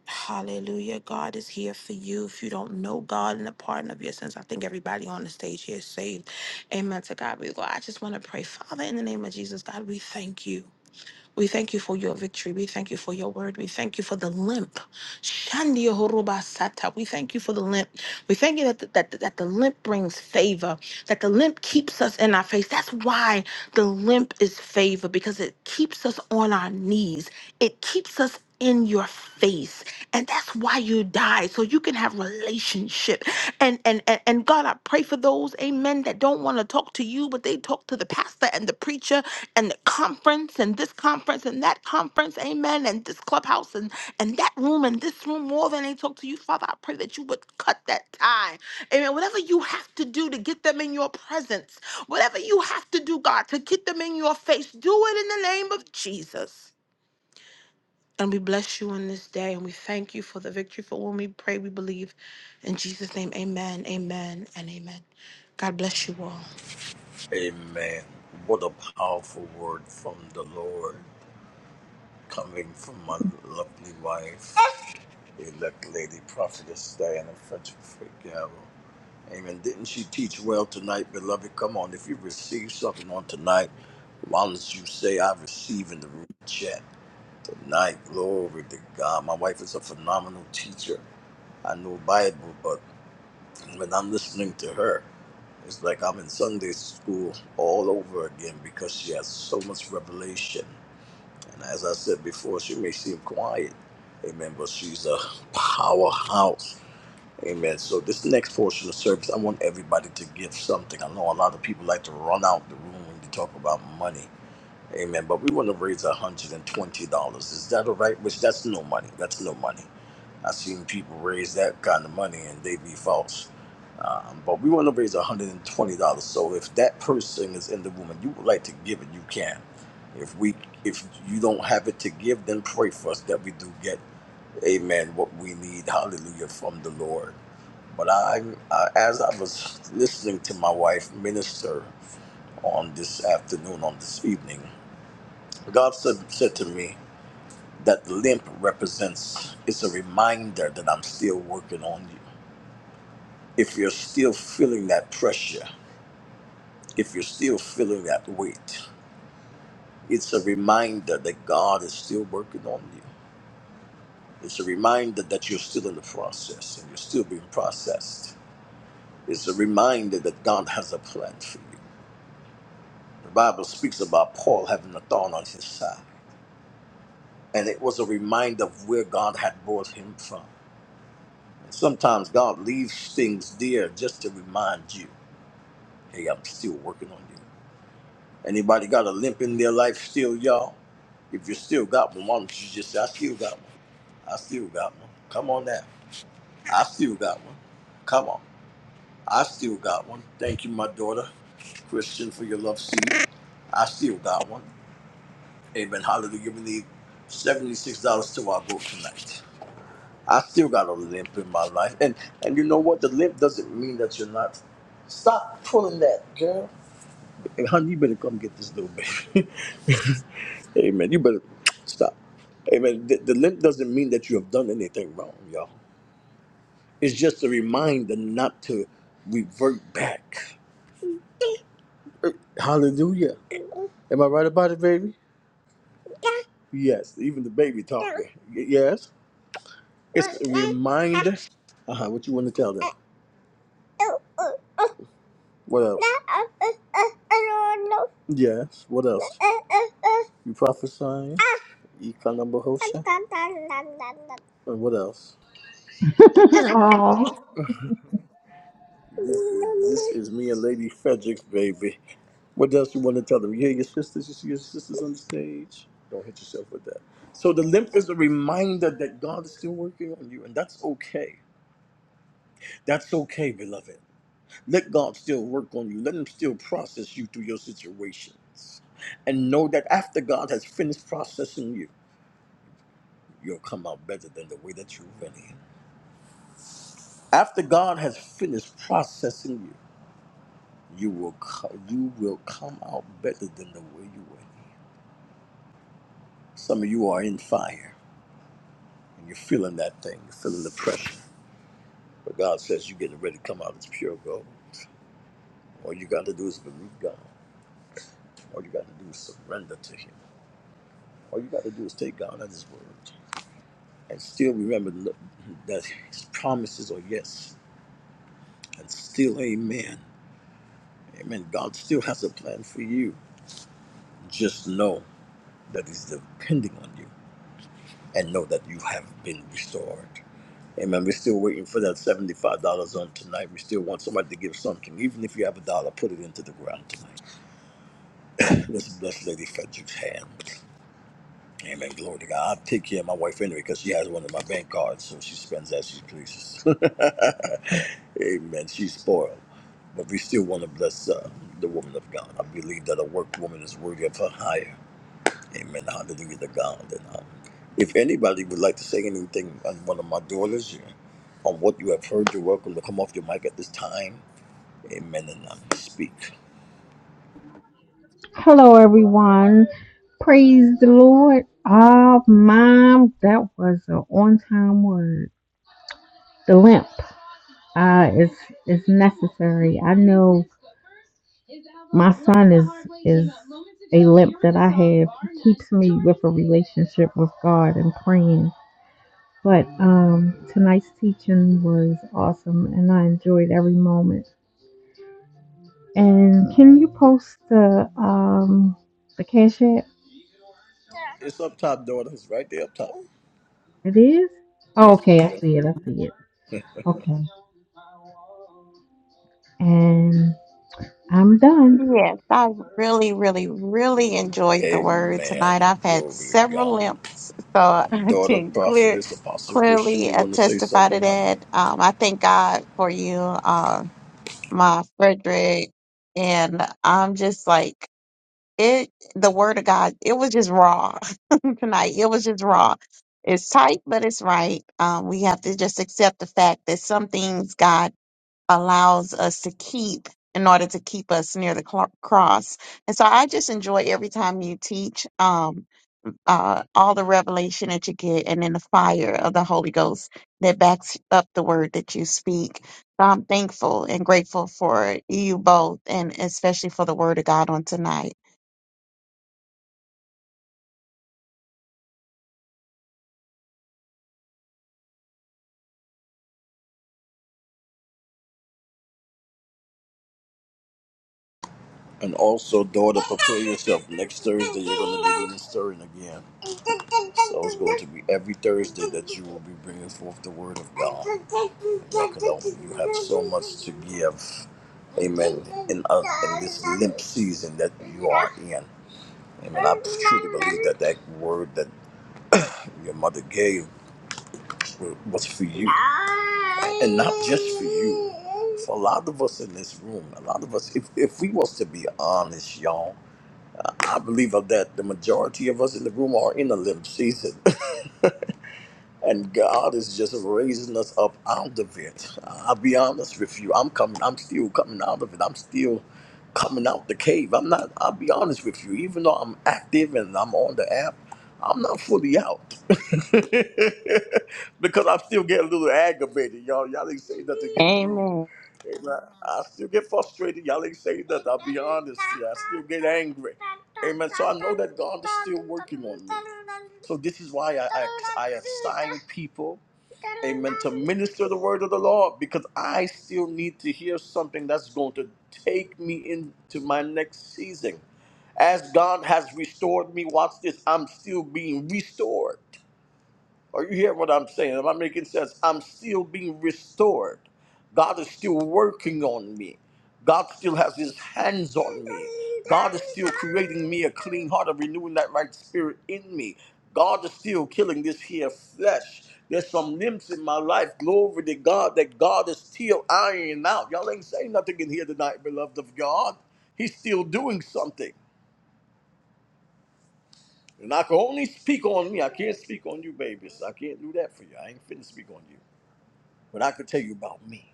S2: Hallelujah. God is here for you. If you don't know God and the pardon of your sins, I think everybody on the stage here is saved. Amen. To God be the glory. I just want to pray. Father, in the name of Jesus, God, we thank you. We thank you for your victory. We thank you for your word. We thank you for the limp. Shandi horoba sata. We thank you for the limp. We thank you that the, that, that the limp brings favor, that the limp keeps us in our face. That's why the limp is favor, because it keeps us on our knees. It keeps us in your face and that's why you die so you can have relationship and and and, and god i pray for those amen that don't want to talk to you but they talk to the pastor and the preacher and the conference and this conference and that conference, amen, and this clubhouse and, and that room and this room more than they talk to you, Father. I pray that you would cut that tie. Amen. Whatever you have to do to get them in your presence, whatever you have to do, God, to get them in your face, do it in the name of Jesus. And we bless you on this day and we thank you for the victory for when we pray, we believe. In Jesus' name, amen, amen, and amen. God bless you all.
S1: Amen. What a powerful word from the Lord coming from my lovely wife, elect lady prophetess Diana Frederick Figaro. Amen. Didn't she teach well tonight, beloved? Come on, if you receive something on tonight, why don't you say, I receive in the room chat tonight? Glory to God. My wife is a phenomenal teacher. I know Bible, but when I'm listening to her, It's like I'm in Sunday school all over again because she has so much revelation. And as I said before, she may seem quiet, amen, but she's a powerhouse. Amen. So this next portion of service, I want everybody to give something. I know a lot of people like to run out the room when you talk about money. Amen. But we want to raise $120. Is that all right? Which that's no money. That's no money. I've seen people raise that kind of money and they be false. Um, but we want to raise $120. So if that person is in the room and you would like to give it, you can. If we if you don't have it to give, then pray for us that we do get, amen, what we need, hallelujah, from the Lord. But I, I as I was listening to my wife minister on this afternoon, on this evening, God said, said to me that the limp represents, it's a reminder that I'm still working on you. If you're still feeling that pressure, If you're still feeling that weight, it's a reminder that God is still working on you. It's a reminder that you're still in the process and you're still being processed. It's a reminder that God has a plan for you. The Bible speaks about Paul having a thorn on his side, and it was a reminder of where God had brought him from. And sometimes God leaves things there just to remind you, hey, I'm still working on you. Anybody got a limp in their life still, y'all? If you still got one, why don't you just ask you got one? I still got one. Come on now. I still got one. Come on. I still got one. Thank you, my daughter, Christian, for your love seed. I still got one. Amen. Hallelujah. We need $76 to our vote tonight. I still got a limp in my life. And and you know what? The limp doesn't mean that you're not. Stop pulling that, girl. Hey, honey, you better come get this little baby. Amen. You better stop. Amen. The, the limp doesn't mean that you have done anything wrong, y'all. It's just a reminder not to revert back. Hallelujah. Am I right about it, baby? Yes, even the baby talking. Y- Yes, it's a reminder. Uh huh. What you want to tell them? What else? Yes. What else? You prophesying? Ikanambahosha. And what else?
S3: oh,
S1: This, this is me and Lady Frederick's baby. What else you want to tell them? You hear your sisters, you see your sisters on the stage. Don't hit yourself with that. So the limp is a reminder that God is still working on you, and that's okay. That's okay, beloved. Let God still work on you. Let Him still process you through your situations. And know that after God has finished processing you, you'll come out better than the way that you went in. After God has finished processing you, you will co- you will come out better than the way you went in. Some of you are in fire. and you're feeling that thing, you're feeling the pressure. But God says you're getting ready to come out as pure gold. All you got to do is believe God. All you got to do is surrender to Him. All you got to do is take God at His word and still remember that His promises are yes and still amen. Amen. God still has a plan for you. Just know that He's depending on you and know that you have been restored. Amen. We're still waiting for that $75 on tonight. We still want somebody to give something. Even if you have a dollar, put it into the ground tonight. Let's bless Lady Frederick's hand. Amen. Glory to God. I'll take care of my wife anyway because she has one of my bank cards, so she spends as she pleases. Amen. She's spoiled. But we still want to bless uh, the woman of God. I believe that a work woman is worthy of her hire. Amen. Hallelujah to God. And um, if anybody would like to say anything on one of my daughters yeah, on what you have heard, you're welcome to come off your mic at this time. Amen. And um, speak.
S3: hello everyone. Praise the Lord. Oh, mom, that was an on-time word. The limp uh, is is necessary. I know my son is is a limp that I have. He keeps me with a relationship with God and praying. But um, tonight's teaching was awesome, and I enjoyed every moment. And can you post the um, the cash app?
S1: It's up top, daughter. It's right there up top.
S3: It is? Oh,
S1: Yes.
S3: okay, I see it. I see it. Okay. And I'm done.
S4: Yes, I really, really, really enjoyed the word tonight.
S1: Amen.
S4: I've had
S1: Glory to
S4: several
S1: God.
S4: limps, so
S1: Um,
S4: I
S1: daughter,
S4: can clear
S1: prophetess, apostle Christian,
S4: clearly
S1: you
S4: uh,
S1: want to say
S4: testify to
S1: something, honey?
S4: that. Um, I thank God for you, uh, my Frederick, and I'm just like it. The word of God, it was just raw tonight. It was just raw. It's tight, but it's right. Um, we have to just accept the fact that some things God allows us to keep in order to keep us near the cl- cross. And so I just enjoy every time you teach um, uh, all the revelation that you get and then the fire of the Holy Ghost that backs up the word that you speak. So I'm thankful and grateful for you both and especially for the word of God on tonight.
S1: And also, daughter, prepare yourself. Next Thursday, you're going to be ministering again. So it's going to be every Thursday that you will be bringing forth the word of God. And I can help you. You have so much to give. Amen. In, uh, in this limp season that you are in. Amen. I truly believe that that word that your mother gave was for you. And not just for you. For a lot of us in this room, a lot of us, if, if we was to be honest, y'all, I believe of that the majority of us in the room are in a limp season and God is just raising us up out of it. I'll be honest with you. I'm coming. I'm still coming out of it. I'm still coming out the cave. I'm not. I'll be honest with you. Even though I'm active and I'm on the app, I'm not fully out because I still get a little aggravated, y'all. Y'all ain't say nothing in the room.
S4: Amen.
S1: Amen. I still get frustrated. Y'all ain't saying that. I'll be honest. Yeah, I still get angry. Amen. So I know that God is still working on me. So this is why I, I, I assign people, amen, to minister the word of the Lord because I still need to hear something that's going to take me into my next season. As God has restored me, watch this, I'm still being restored. Are you hearing what I'm saying? Am I making sense? I'm still being restored. God is still working on me. God still has his hands on me. God is still creating me a clean heart and renewing that right spirit in me. God is still killing this here flesh. There's some limbs in my life, glory to God, that God is still ironing out. Y'all ain't saying nothing in here tonight, beloved of God. He's still doing something. And I can only speak on me. I can't speak on you, babies. I can't do that for you. I ain't finna speak on you. But I could tell you about me.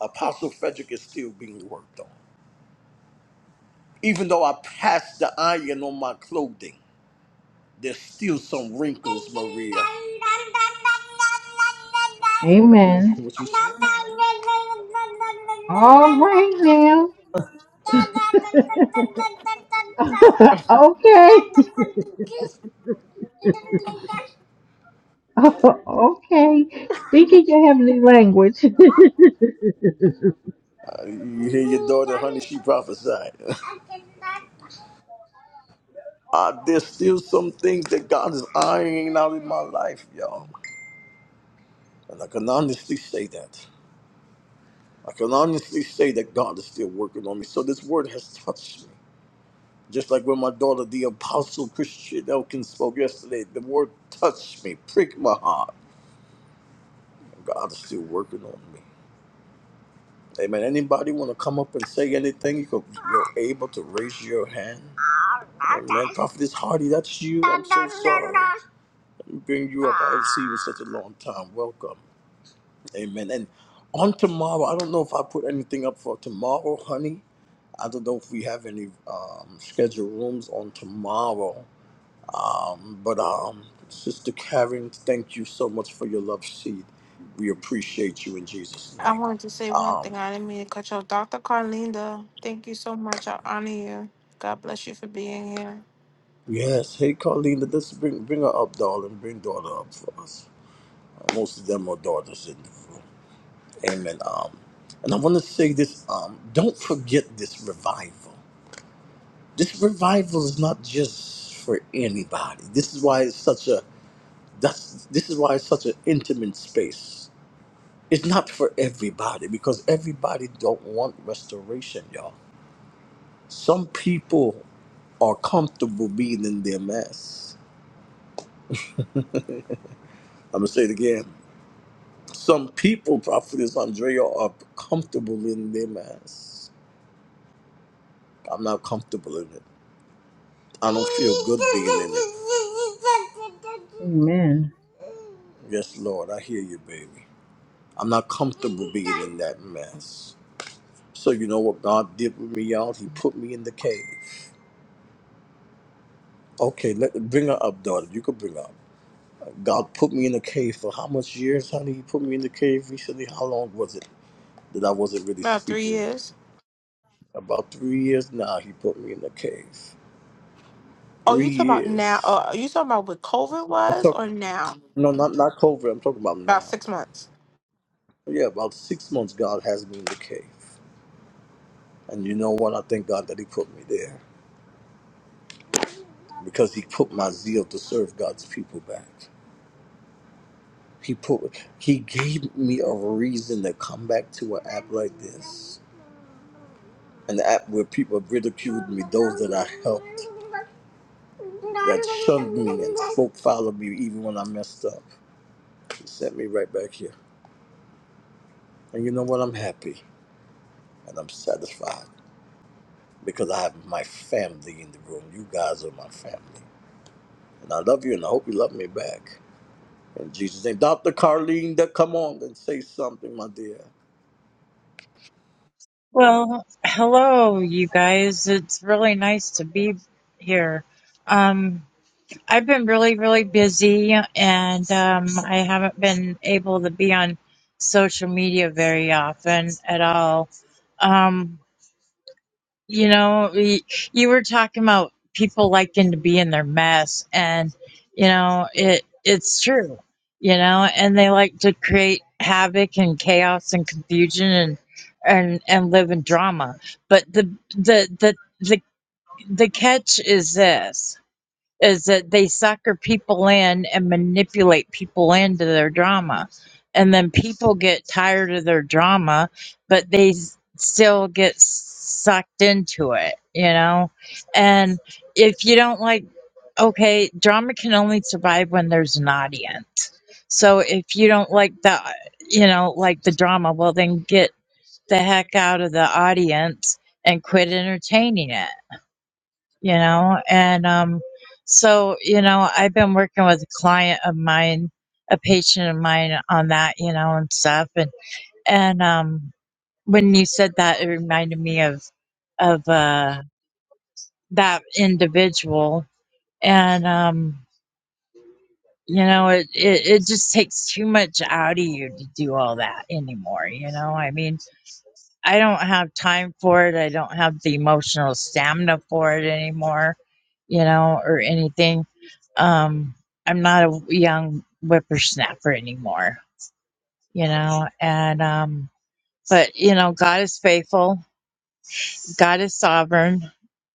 S1: Apostle Frederick is still being worked on. Even though I passed the iron on my clothing, there's still some wrinkles, Maria.
S3: Amen.
S1: What you
S3: All right now. okay.
S1: say?
S3: okay. Speaking your heavenly language.
S1: Uh, you hear your daughter, honey? She prophesied. Uh, there's still some things that God is ironing out in my life, y'all. And I can honestly say that. I can honestly say that God is still working on me. So this word has touched me. Just like when my daughter, the apostle Christian Elkin, spoke yesterday, the word touched me, pricked my heart. God is still working on me. Amen. Anybody want to come up and say anything? You can, you're able to raise your hand. Amen. Prophetess Hardy, that's you. I'm so sorry. Bring you up. I haven't seen you in such a long time. Welcome. Amen. And on tomorrow, I don't know if I put anything up for tomorrow, honey. I don't know if we have any um, scheduled rooms on tomorrow. Um, but um, Sister Karen, thank you so much for your love seed. We appreciate you in Jesus'
S2: I
S1: name.
S2: wanted to say one
S1: Um,
S2: thing. I didn't mean to cut you off. Dr. Carlinda, thank you so much. I honor you. God bless you for being here.
S1: yes. Hey, Carlina, let's bring bring her up, darling. Bring daughter up for us. Most of them are daughters in the room. Amen. Um, and I want to say this. Um, don't forget this revival. This revival is not just for anybody. This is why it's such a that's this is why it's such an intimate space. It's not for everybody because everybody don't want restoration, y'all. Some people are comfortable being in their mess. I'm gonna say it again. Some people, Prophetess Andrea, are comfortable in their mess. I'm not comfortable in it. I don't feel good being in
S3: Amen.
S1: it. Yes, Lord, I hear you, baby. I'm not comfortable being in that mess. So you know what God did with me, y'all? He put me in the cave. Okay, let bring her up, daughter. You could bring her up. God put me in the cave for how much years, honey? He put me in the cave recently. How long was it that I wasn't really
S2: About three
S1: speaking?
S2: years.
S1: About three years now. He put me in the cave.
S2: Oh,
S1: Three
S2: you talking about now? Oh,
S1: years.
S2: are you talking about what COVID
S1: I'm
S2: was or
S1: talking.
S2: now?
S1: No, not not COVID. I'm talking about
S2: About
S1: now.
S2: six months.
S1: Yeah, about six months, God has me in the cave. And you know what? I thank God that He put me there because He put my zeal to serve God's people back. He put, He gave me a reason to come back to an app like this, an app where people ridiculed me, those that I helped, that shunned me and spoke foul of me even when I messed up. He sent me right back here. And you know what? I'm happy and I'm satisfied because I have my family in the room. You guys are my family. And I love you and I hope you love me back. In Jesus' name. Dr. Carlene, that come on and say something, my dear.
S5: Well, hello, you guys. It's really nice to be here. Um, I've been really, really busy and um, I haven't been able to be on social media very often at all. Um, you know, y- you were talking about people liking to be in their mess, and you know, it it's true. You know, and they like to create havoc and chaos and confusion and and and live in drama. But the the the the the catch is this is that they sucker people in and manipulate people into their drama. And then people get tired of their drama, but they s- still get sucked into it, you know? And if you don't like, okay, drama can only survive when there's an audience. So if you don't like the, you know, like the drama, well, then get the heck out of the audience and quit entertaining it you know and um so you know i've been working with a client of mine a patient of mine on that you know and stuff and and um when you said that it reminded me of of uh that individual and um you know it, it it just takes too much out of you to do all that anymore you know i mean I don't have time for it. I don't have the emotional stamina for it anymore, you know, or anything. Um, I'm not a young whippersnapper anymore, you know, and, um, but, you know, God is faithful, God is sovereign.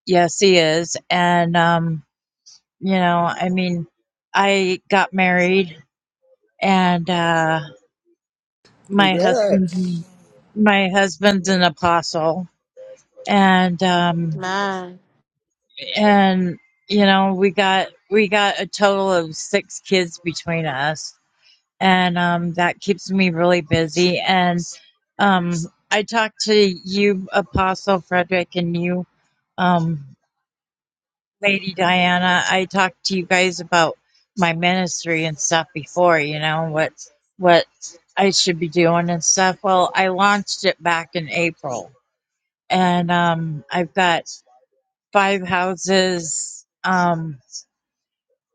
S5: Yes, He is. And, um, you know, I mean, I got married and, uh, my
S1: Congrats.
S5: husband, my husband's an apostle and, um,
S2: Man,
S5: and you know we got we got a total of six kids between us and um that keeps me really busy and um i talked to you apostle frederick and you um lady diana i talked to you guys about my ministry and stuff before you know what what i should be doing and stuff well i launched it back in april and um i've got five houses um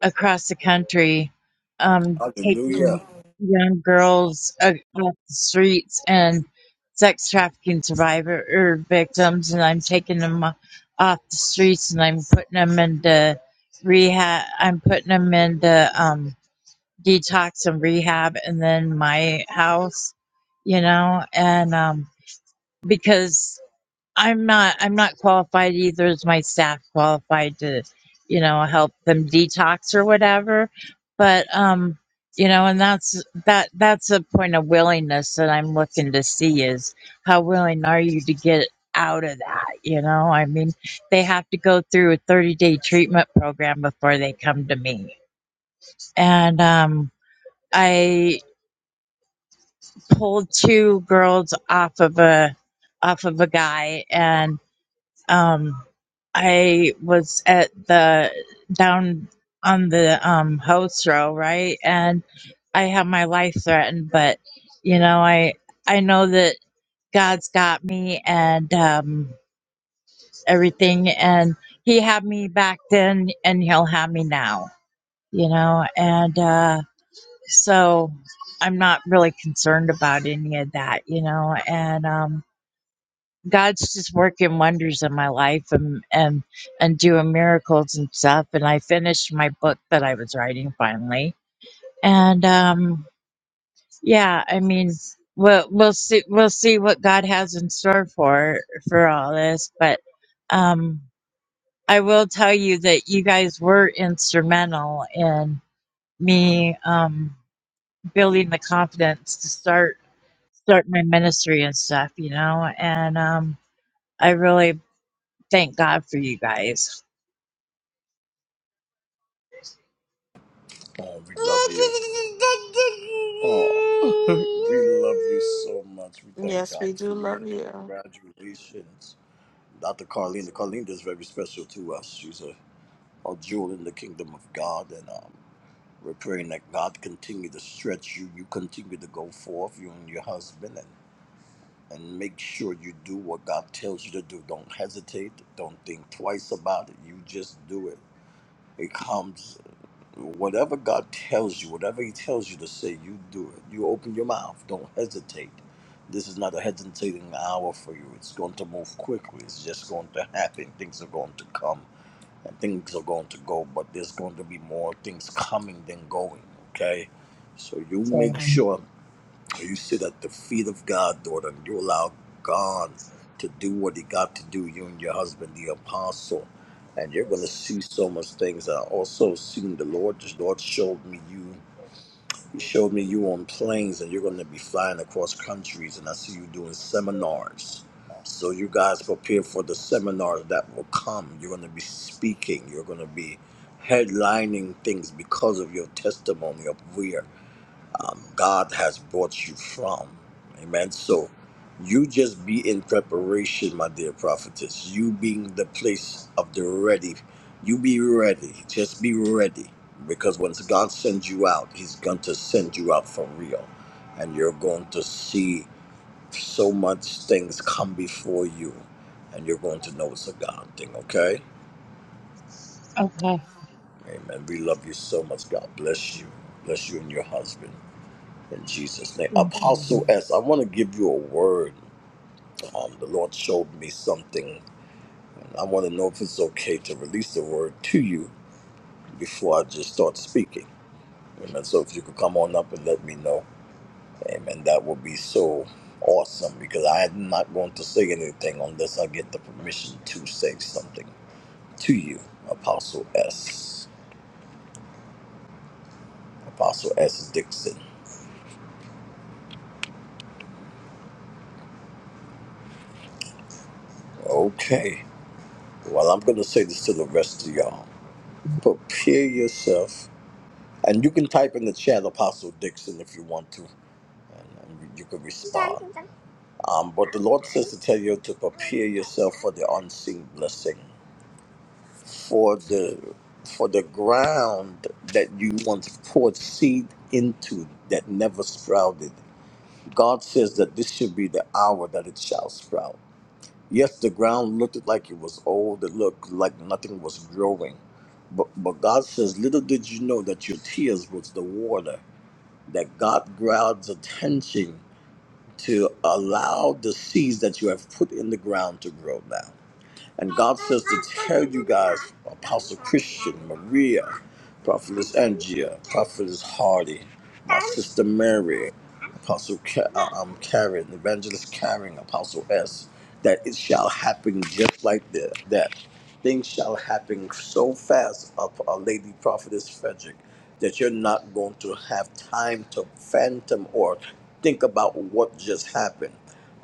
S5: across the country, um, taking
S1: Hallelujah.
S5: young girls uh, off the streets and sex trafficking survivor or victims, and I'm taking them o- off the streets and I'm putting them into rehab. I'm putting them into um, detox and rehab, and then my house, you know, and um, because I'm not I'm not qualified either is my staff qualified to, you know, help them detox or whatever. But um, you know, and that's that that's a point of willingness that I'm looking to see is how willing are you to get out of that, you know? I mean, they have to go through a 30-day treatment program before they come to me. And um I pulled two girls off of a off of a guy and. um I was at the down on the um house row, right? And I have my life threatened, but you know, I I know that God's got me and um everything and he had me back then and he'll have me now, you know, and uh so I'm not really concerned about any of that, you know, and um God's just working wonders in my life and and and doing miracles and stuff. And I finished my book that I was writing finally. And um, yeah, I mean, we'll we'll see we'll see what God has in store for for all this. But um, I will tell you that you guys were instrumental in me um, building the confidence to start start my ministry and stuff. You know, and um, I really Thank God for you guys.
S1: Oh, we love you. Oh, we love you so much. We thank
S2: yes,
S1: God
S2: we do
S1: for you and
S2: love you.
S1: congratulations. Dr. Carlene, Carlene is very special to us. She's a, a jewel in the kingdom of God and um, we're praying that God continue to stretch you. You continue to go forth, you and your husband. and. and make sure you do what God tells you to do. Don't hesitate. Don't think twice about it. You just do it. It comes, whatever God tells you, whatever He tells you to say, you do it. You open your mouth. Don't hesitate. This is not a hesitating hour for you. It's going to move quickly. It's just going to happen. Things are going to come and things are going to go, but there's going to be more things coming than going, okay? So you make
S5: So,
S1: sure. You sit at the feet of God, daughter, and you allow God to do what He got to do, you and your husband, the apostle. And you're going to see so much things. I also seen the Lord, the Lord showed me you. He showed me you on planes, and you're going to be flying across countries, and I see you doing seminars. So you guys prepare for the seminars that will come. You're going to be speaking. You're going to be headlining things because of your testimony up here um, God has brought you from. Amen. So you just be in preparation, my dear prophetess. You being the place of the ready. You be ready. Just be ready. Because once God sends you out, He's going to send you out for real. And you're going to see so much things come before you. And you're going to know it's a God thing, okay?
S5: okay.
S1: Amen. We love you so much. God bless you. Bless you and your husband. In Jesus' name.
S5: Thank you.
S1: Apostle S, I want to give you a word. Um, the Lord showed me something. And I want to know if it's okay to release the word to you before I just start speaking. Amen. So if you could come on up and let me know. Amen. That would be so awesome because I'm not going to say anything unless I get the permission to say something to you, Apostle S. Apostle S. Dixon. Okay. Well, I'm going to say this to the rest of y'all. Prepare yourself And you can type in the chat Apostle Dixon if you want to, and, and you can respond. Um, but the Lord says to tell you to prepare yourself for the unseen blessing, for the for the ground that you once poured seed into that never sprouted. God says that this should be the hour that it shall sprout. Yes, the ground looked like it was old. It looked like nothing was growing. But, but God says, little did you know that your tears was the water that God grabs attention to allow the seeds that you have put in the ground to grow now. And God says to tell you guys, Apostle Christian, Maria, Prophetess Andrea, Prophetess Hardy, my sister Mary, Apostle Ka- uh, um, Karen, Evangelist Karen, Apostle S, that it shall happen just like that things shall happen so fast of our lady prophetess frederick that you're not going to have time to phantom or think about what just happened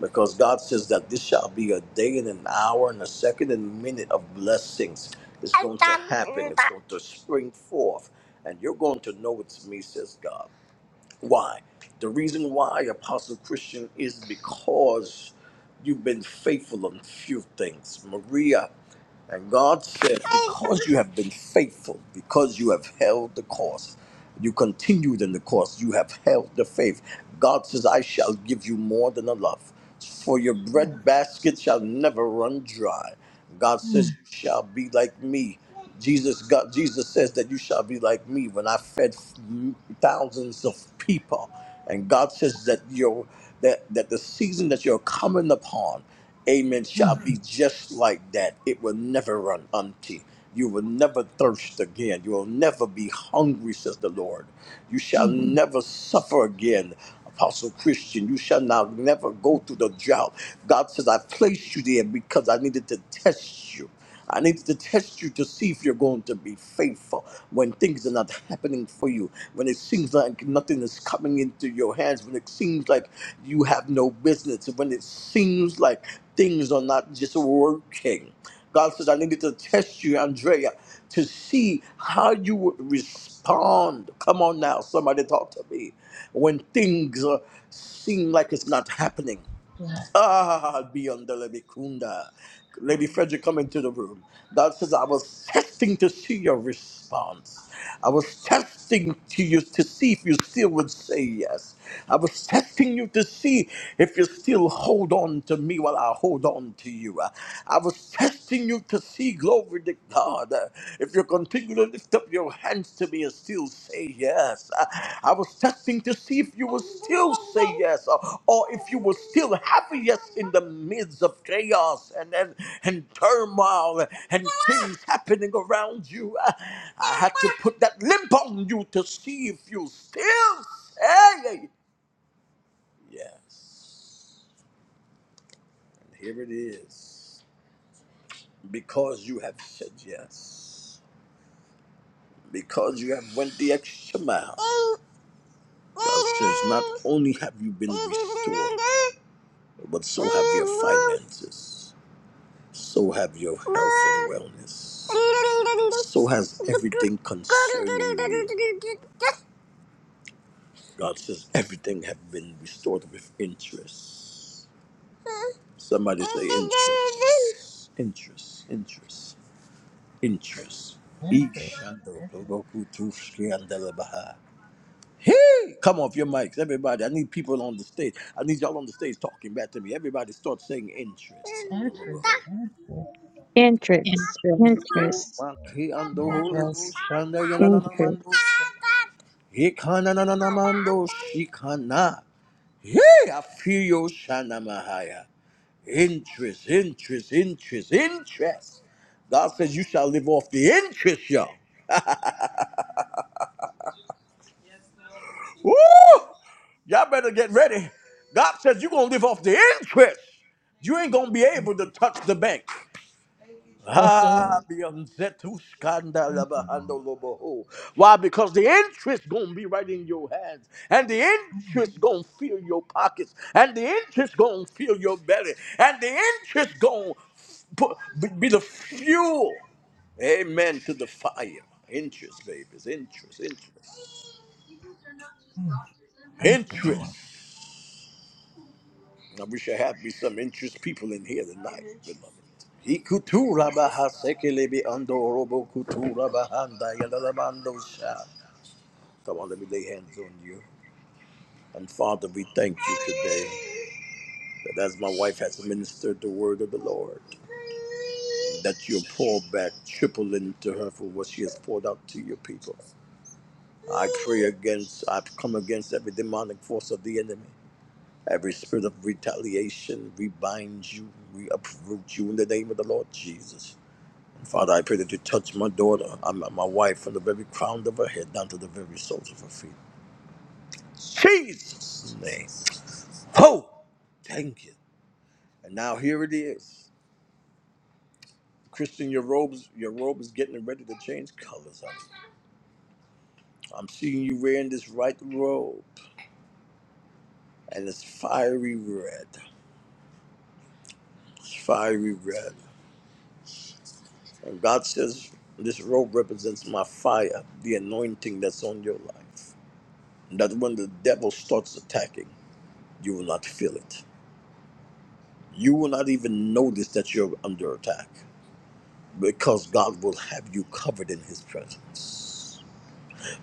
S1: because god says that this shall be a day and an hour and a second and minute of blessings it's going to happen it's going to spring forth and you're going to know it's me says god why? The reason why, Apostle Christian, is because you've been faithful on few things. Maria and God said, because you have been faithful, because you have held the course, you continued in the course, you have held the faith. God says, I shall give you more than enough, for your bread basket shall never run dry. God says, You shall be like me. Jesus got Jesus says that you shall be like me when I fed thousands of people, and God says that your that that the season that you're coming upon, Amen, shall be just like that. It will never run empty. You will never thirst again. You will never be hungry, says the Lord. You shall never suffer again. Apostle Christian, you shall now never go through the drought. God says, I placed you there because I needed to test you. I need to test you to see if you're going to be faithful when things are not happening for you, when it seems like nothing is coming into your hands, when it seems like you have no business, when it seems like things are not just working. God says, I needed to test you, Andrea, to see how you would respond. Come on now, somebody talk to me. When things uh, seem like it's not happening, Ah, beyond the Lebikunda. Lady Frederick, come into the room. God says, I was testing to see your response. I was testing to you to see if you still would say yes. I was testing you to see if you still hold on to me while I hold on to you. I was testing you to see, glory to God. If you continue to lift up your hands to me and still say yes, I, I was testing to see if you would still say yes, or, or if you would still have a yes in the midst of chaos and and, and turmoil and things happening around you. I, I had to put that limp on you to see if you still say yes. And here it is, because you have said yes, because you have went the extra mile. Thou says, Not only have you been restored, but so have your finances, so have your health and wellness, so has everything concerning you. God says, Everything have been restored with interest. Somebody say, Interest, interest, interest, interest.
S3: Interest,
S1: Each and the Hey, come off your mics, everybody. I need people on the stage. I need y'all on the stage talking back to me. Everybody start saying interest.
S3: interest, interest.
S4: Interest,
S5: Interest.
S4: interest,
S3: Yes.
S5: Interest.
S4: interest.
S1: Hey, I feel your shanamahaya. Interest, interest, interest, interest. God says you shall live off the interest, y'all. Woo! Y'all better get ready. God says you're gonna live off the interest. You ain't gonna be able to touch the bank. Ah, beyonzetu skanda labahando loboho. Why? Because the interest gonna be right in your hands, and the interest gonna fill your pockets, and the interest gonna fill your belly, and the interest gonna f- put, be be the fuel. Amen to the fire. Interest, babies. Interest, interest,
S3: Thank you, Lord.
S1: interest. I wish I had be some interest people in here tonight, beloved. Ikutura baha sekelebe ando robo kutura bahanda yalalabando sha. Come on, let me lay hands on you. And Father, we thank you today that as my wife has ministered the word of the Lord, that you'll pour back triple into her for what she has poured out to your people. I pray against, I've come against every demonic force of the enemy. Every spirit of retaliation, we bind you, we uproot you in the name of the Lord Jesus. Father, I pray that you touch my daughter, and my my wife, from the very crown of her head down to the very soles of her feet. Jesus' name. Oh, thank you. And now here it is. Christian, your robes, your robe is getting ready to change colors. I'm, I'm seeing you wearing this right robe, and it's fiery red. It's fiery red. And God says, This robe represents my fire, the anointing that's on your life. That when the devil starts attacking, you will not feel it. You will not even notice that you're under attack because God will have you covered in his presence.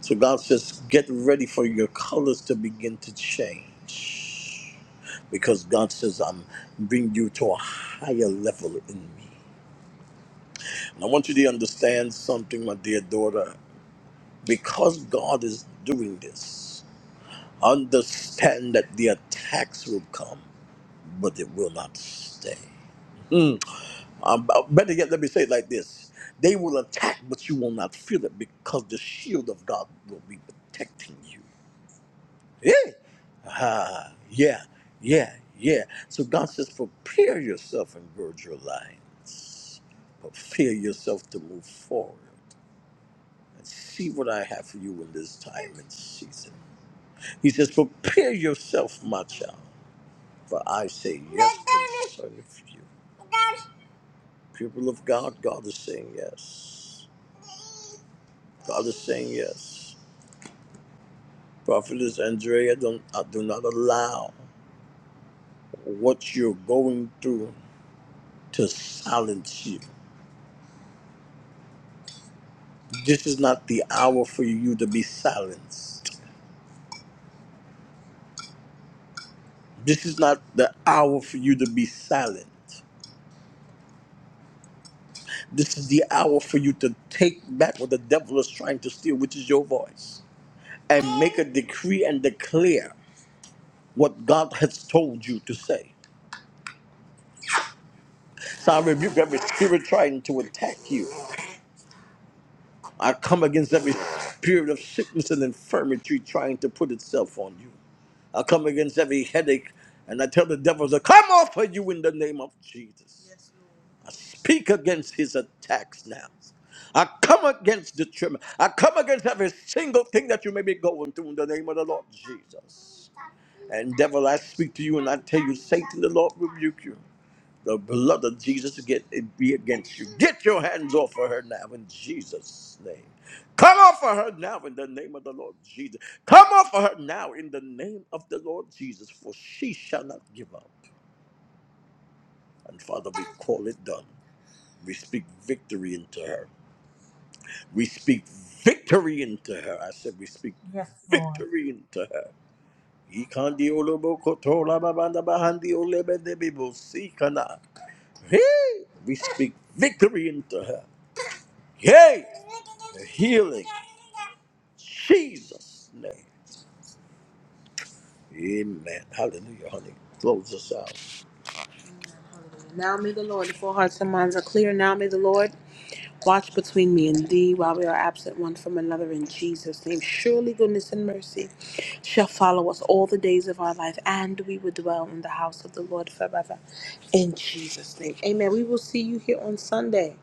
S1: So God says, Get ready for your colors to begin to change because God says, I'm bringing you to a higher level in me. And I want you to understand something, my dear daughter. Because God is doing this, Understand that the attacks will come, but it will not stay. Mm. Um, uh, better yet, let me say it like this They will attack, but you will not feel it because the shield of God will be protecting you. Yeah. Ah, yeah, yeah, yeah. So God says, prepare yourself and gird your line. Prepare yourself to move forward and see what I have for you in this time and season. He says, prepare yourself, my child. For I say yes to the Son of you. People of God, God is saying yes. God is saying yes. Prophetess Andrea, don't, uh, do not allow what you're going through to silence you. This is not the hour for you to be silenced. This is not the hour for you to be silent. This is the hour for you to take back what the devil is trying to steal, which is your voice, and make a decree and declare. what God has told you to say. So I rebuke every spirit trying to attack you. I come against every spirit of sickness and infirmity trying to put itself on you. I come against every headache and I tell the devil to come off of you in the name of Jesus. I speak against his attacks now. I come against the tremor. I come against every single thing that you may be going through in the name of the Lord Jesus. And devil, I speak to you and I tell you, Satan, the Lord rebuke you. The blood of Jesus get be against you. Get your hands off of her now in Jesus' name. Come off of her now in the name of the Lord Jesus. Come off of her now in the name of the Lord Jesus, for she shall not give up. And Father, we call it done. We speak victory into her. We speak victory into her. I said, we speak
S3: Yes, Lord.
S1: victory into her. Ikandi olobo kotola babanda bahandi olebe debibo sikana. Hey, we speak victory into her. Yay! The healing. Jesus' name. Amen. Hallelujah, honey. Close us out. Now may the Lord, if all hearts and minds are clear, now may the Lord watch between me and thee while we are absent one from another in Jesus' name. Surely goodness and mercy shall follow us all the days of our life, and we will dwell in the house of the Lord forever. In Jesus' name. Amen. We will see you here on Sunday.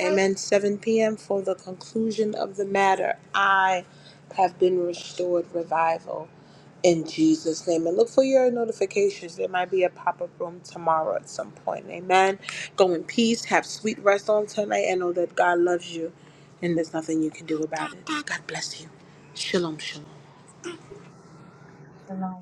S1: Amen. 7 p.m. for the conclusion of the matter. I have been restored revival in Jesus' name. And look for your notifications. There might be a pop up room tomorrow at some point. Amen. Go in peace. Have sweet rest on tonight. And know that God loves you and there's nothing you can do about it. God bless you. Shalom, shalom.
S3: Shalom.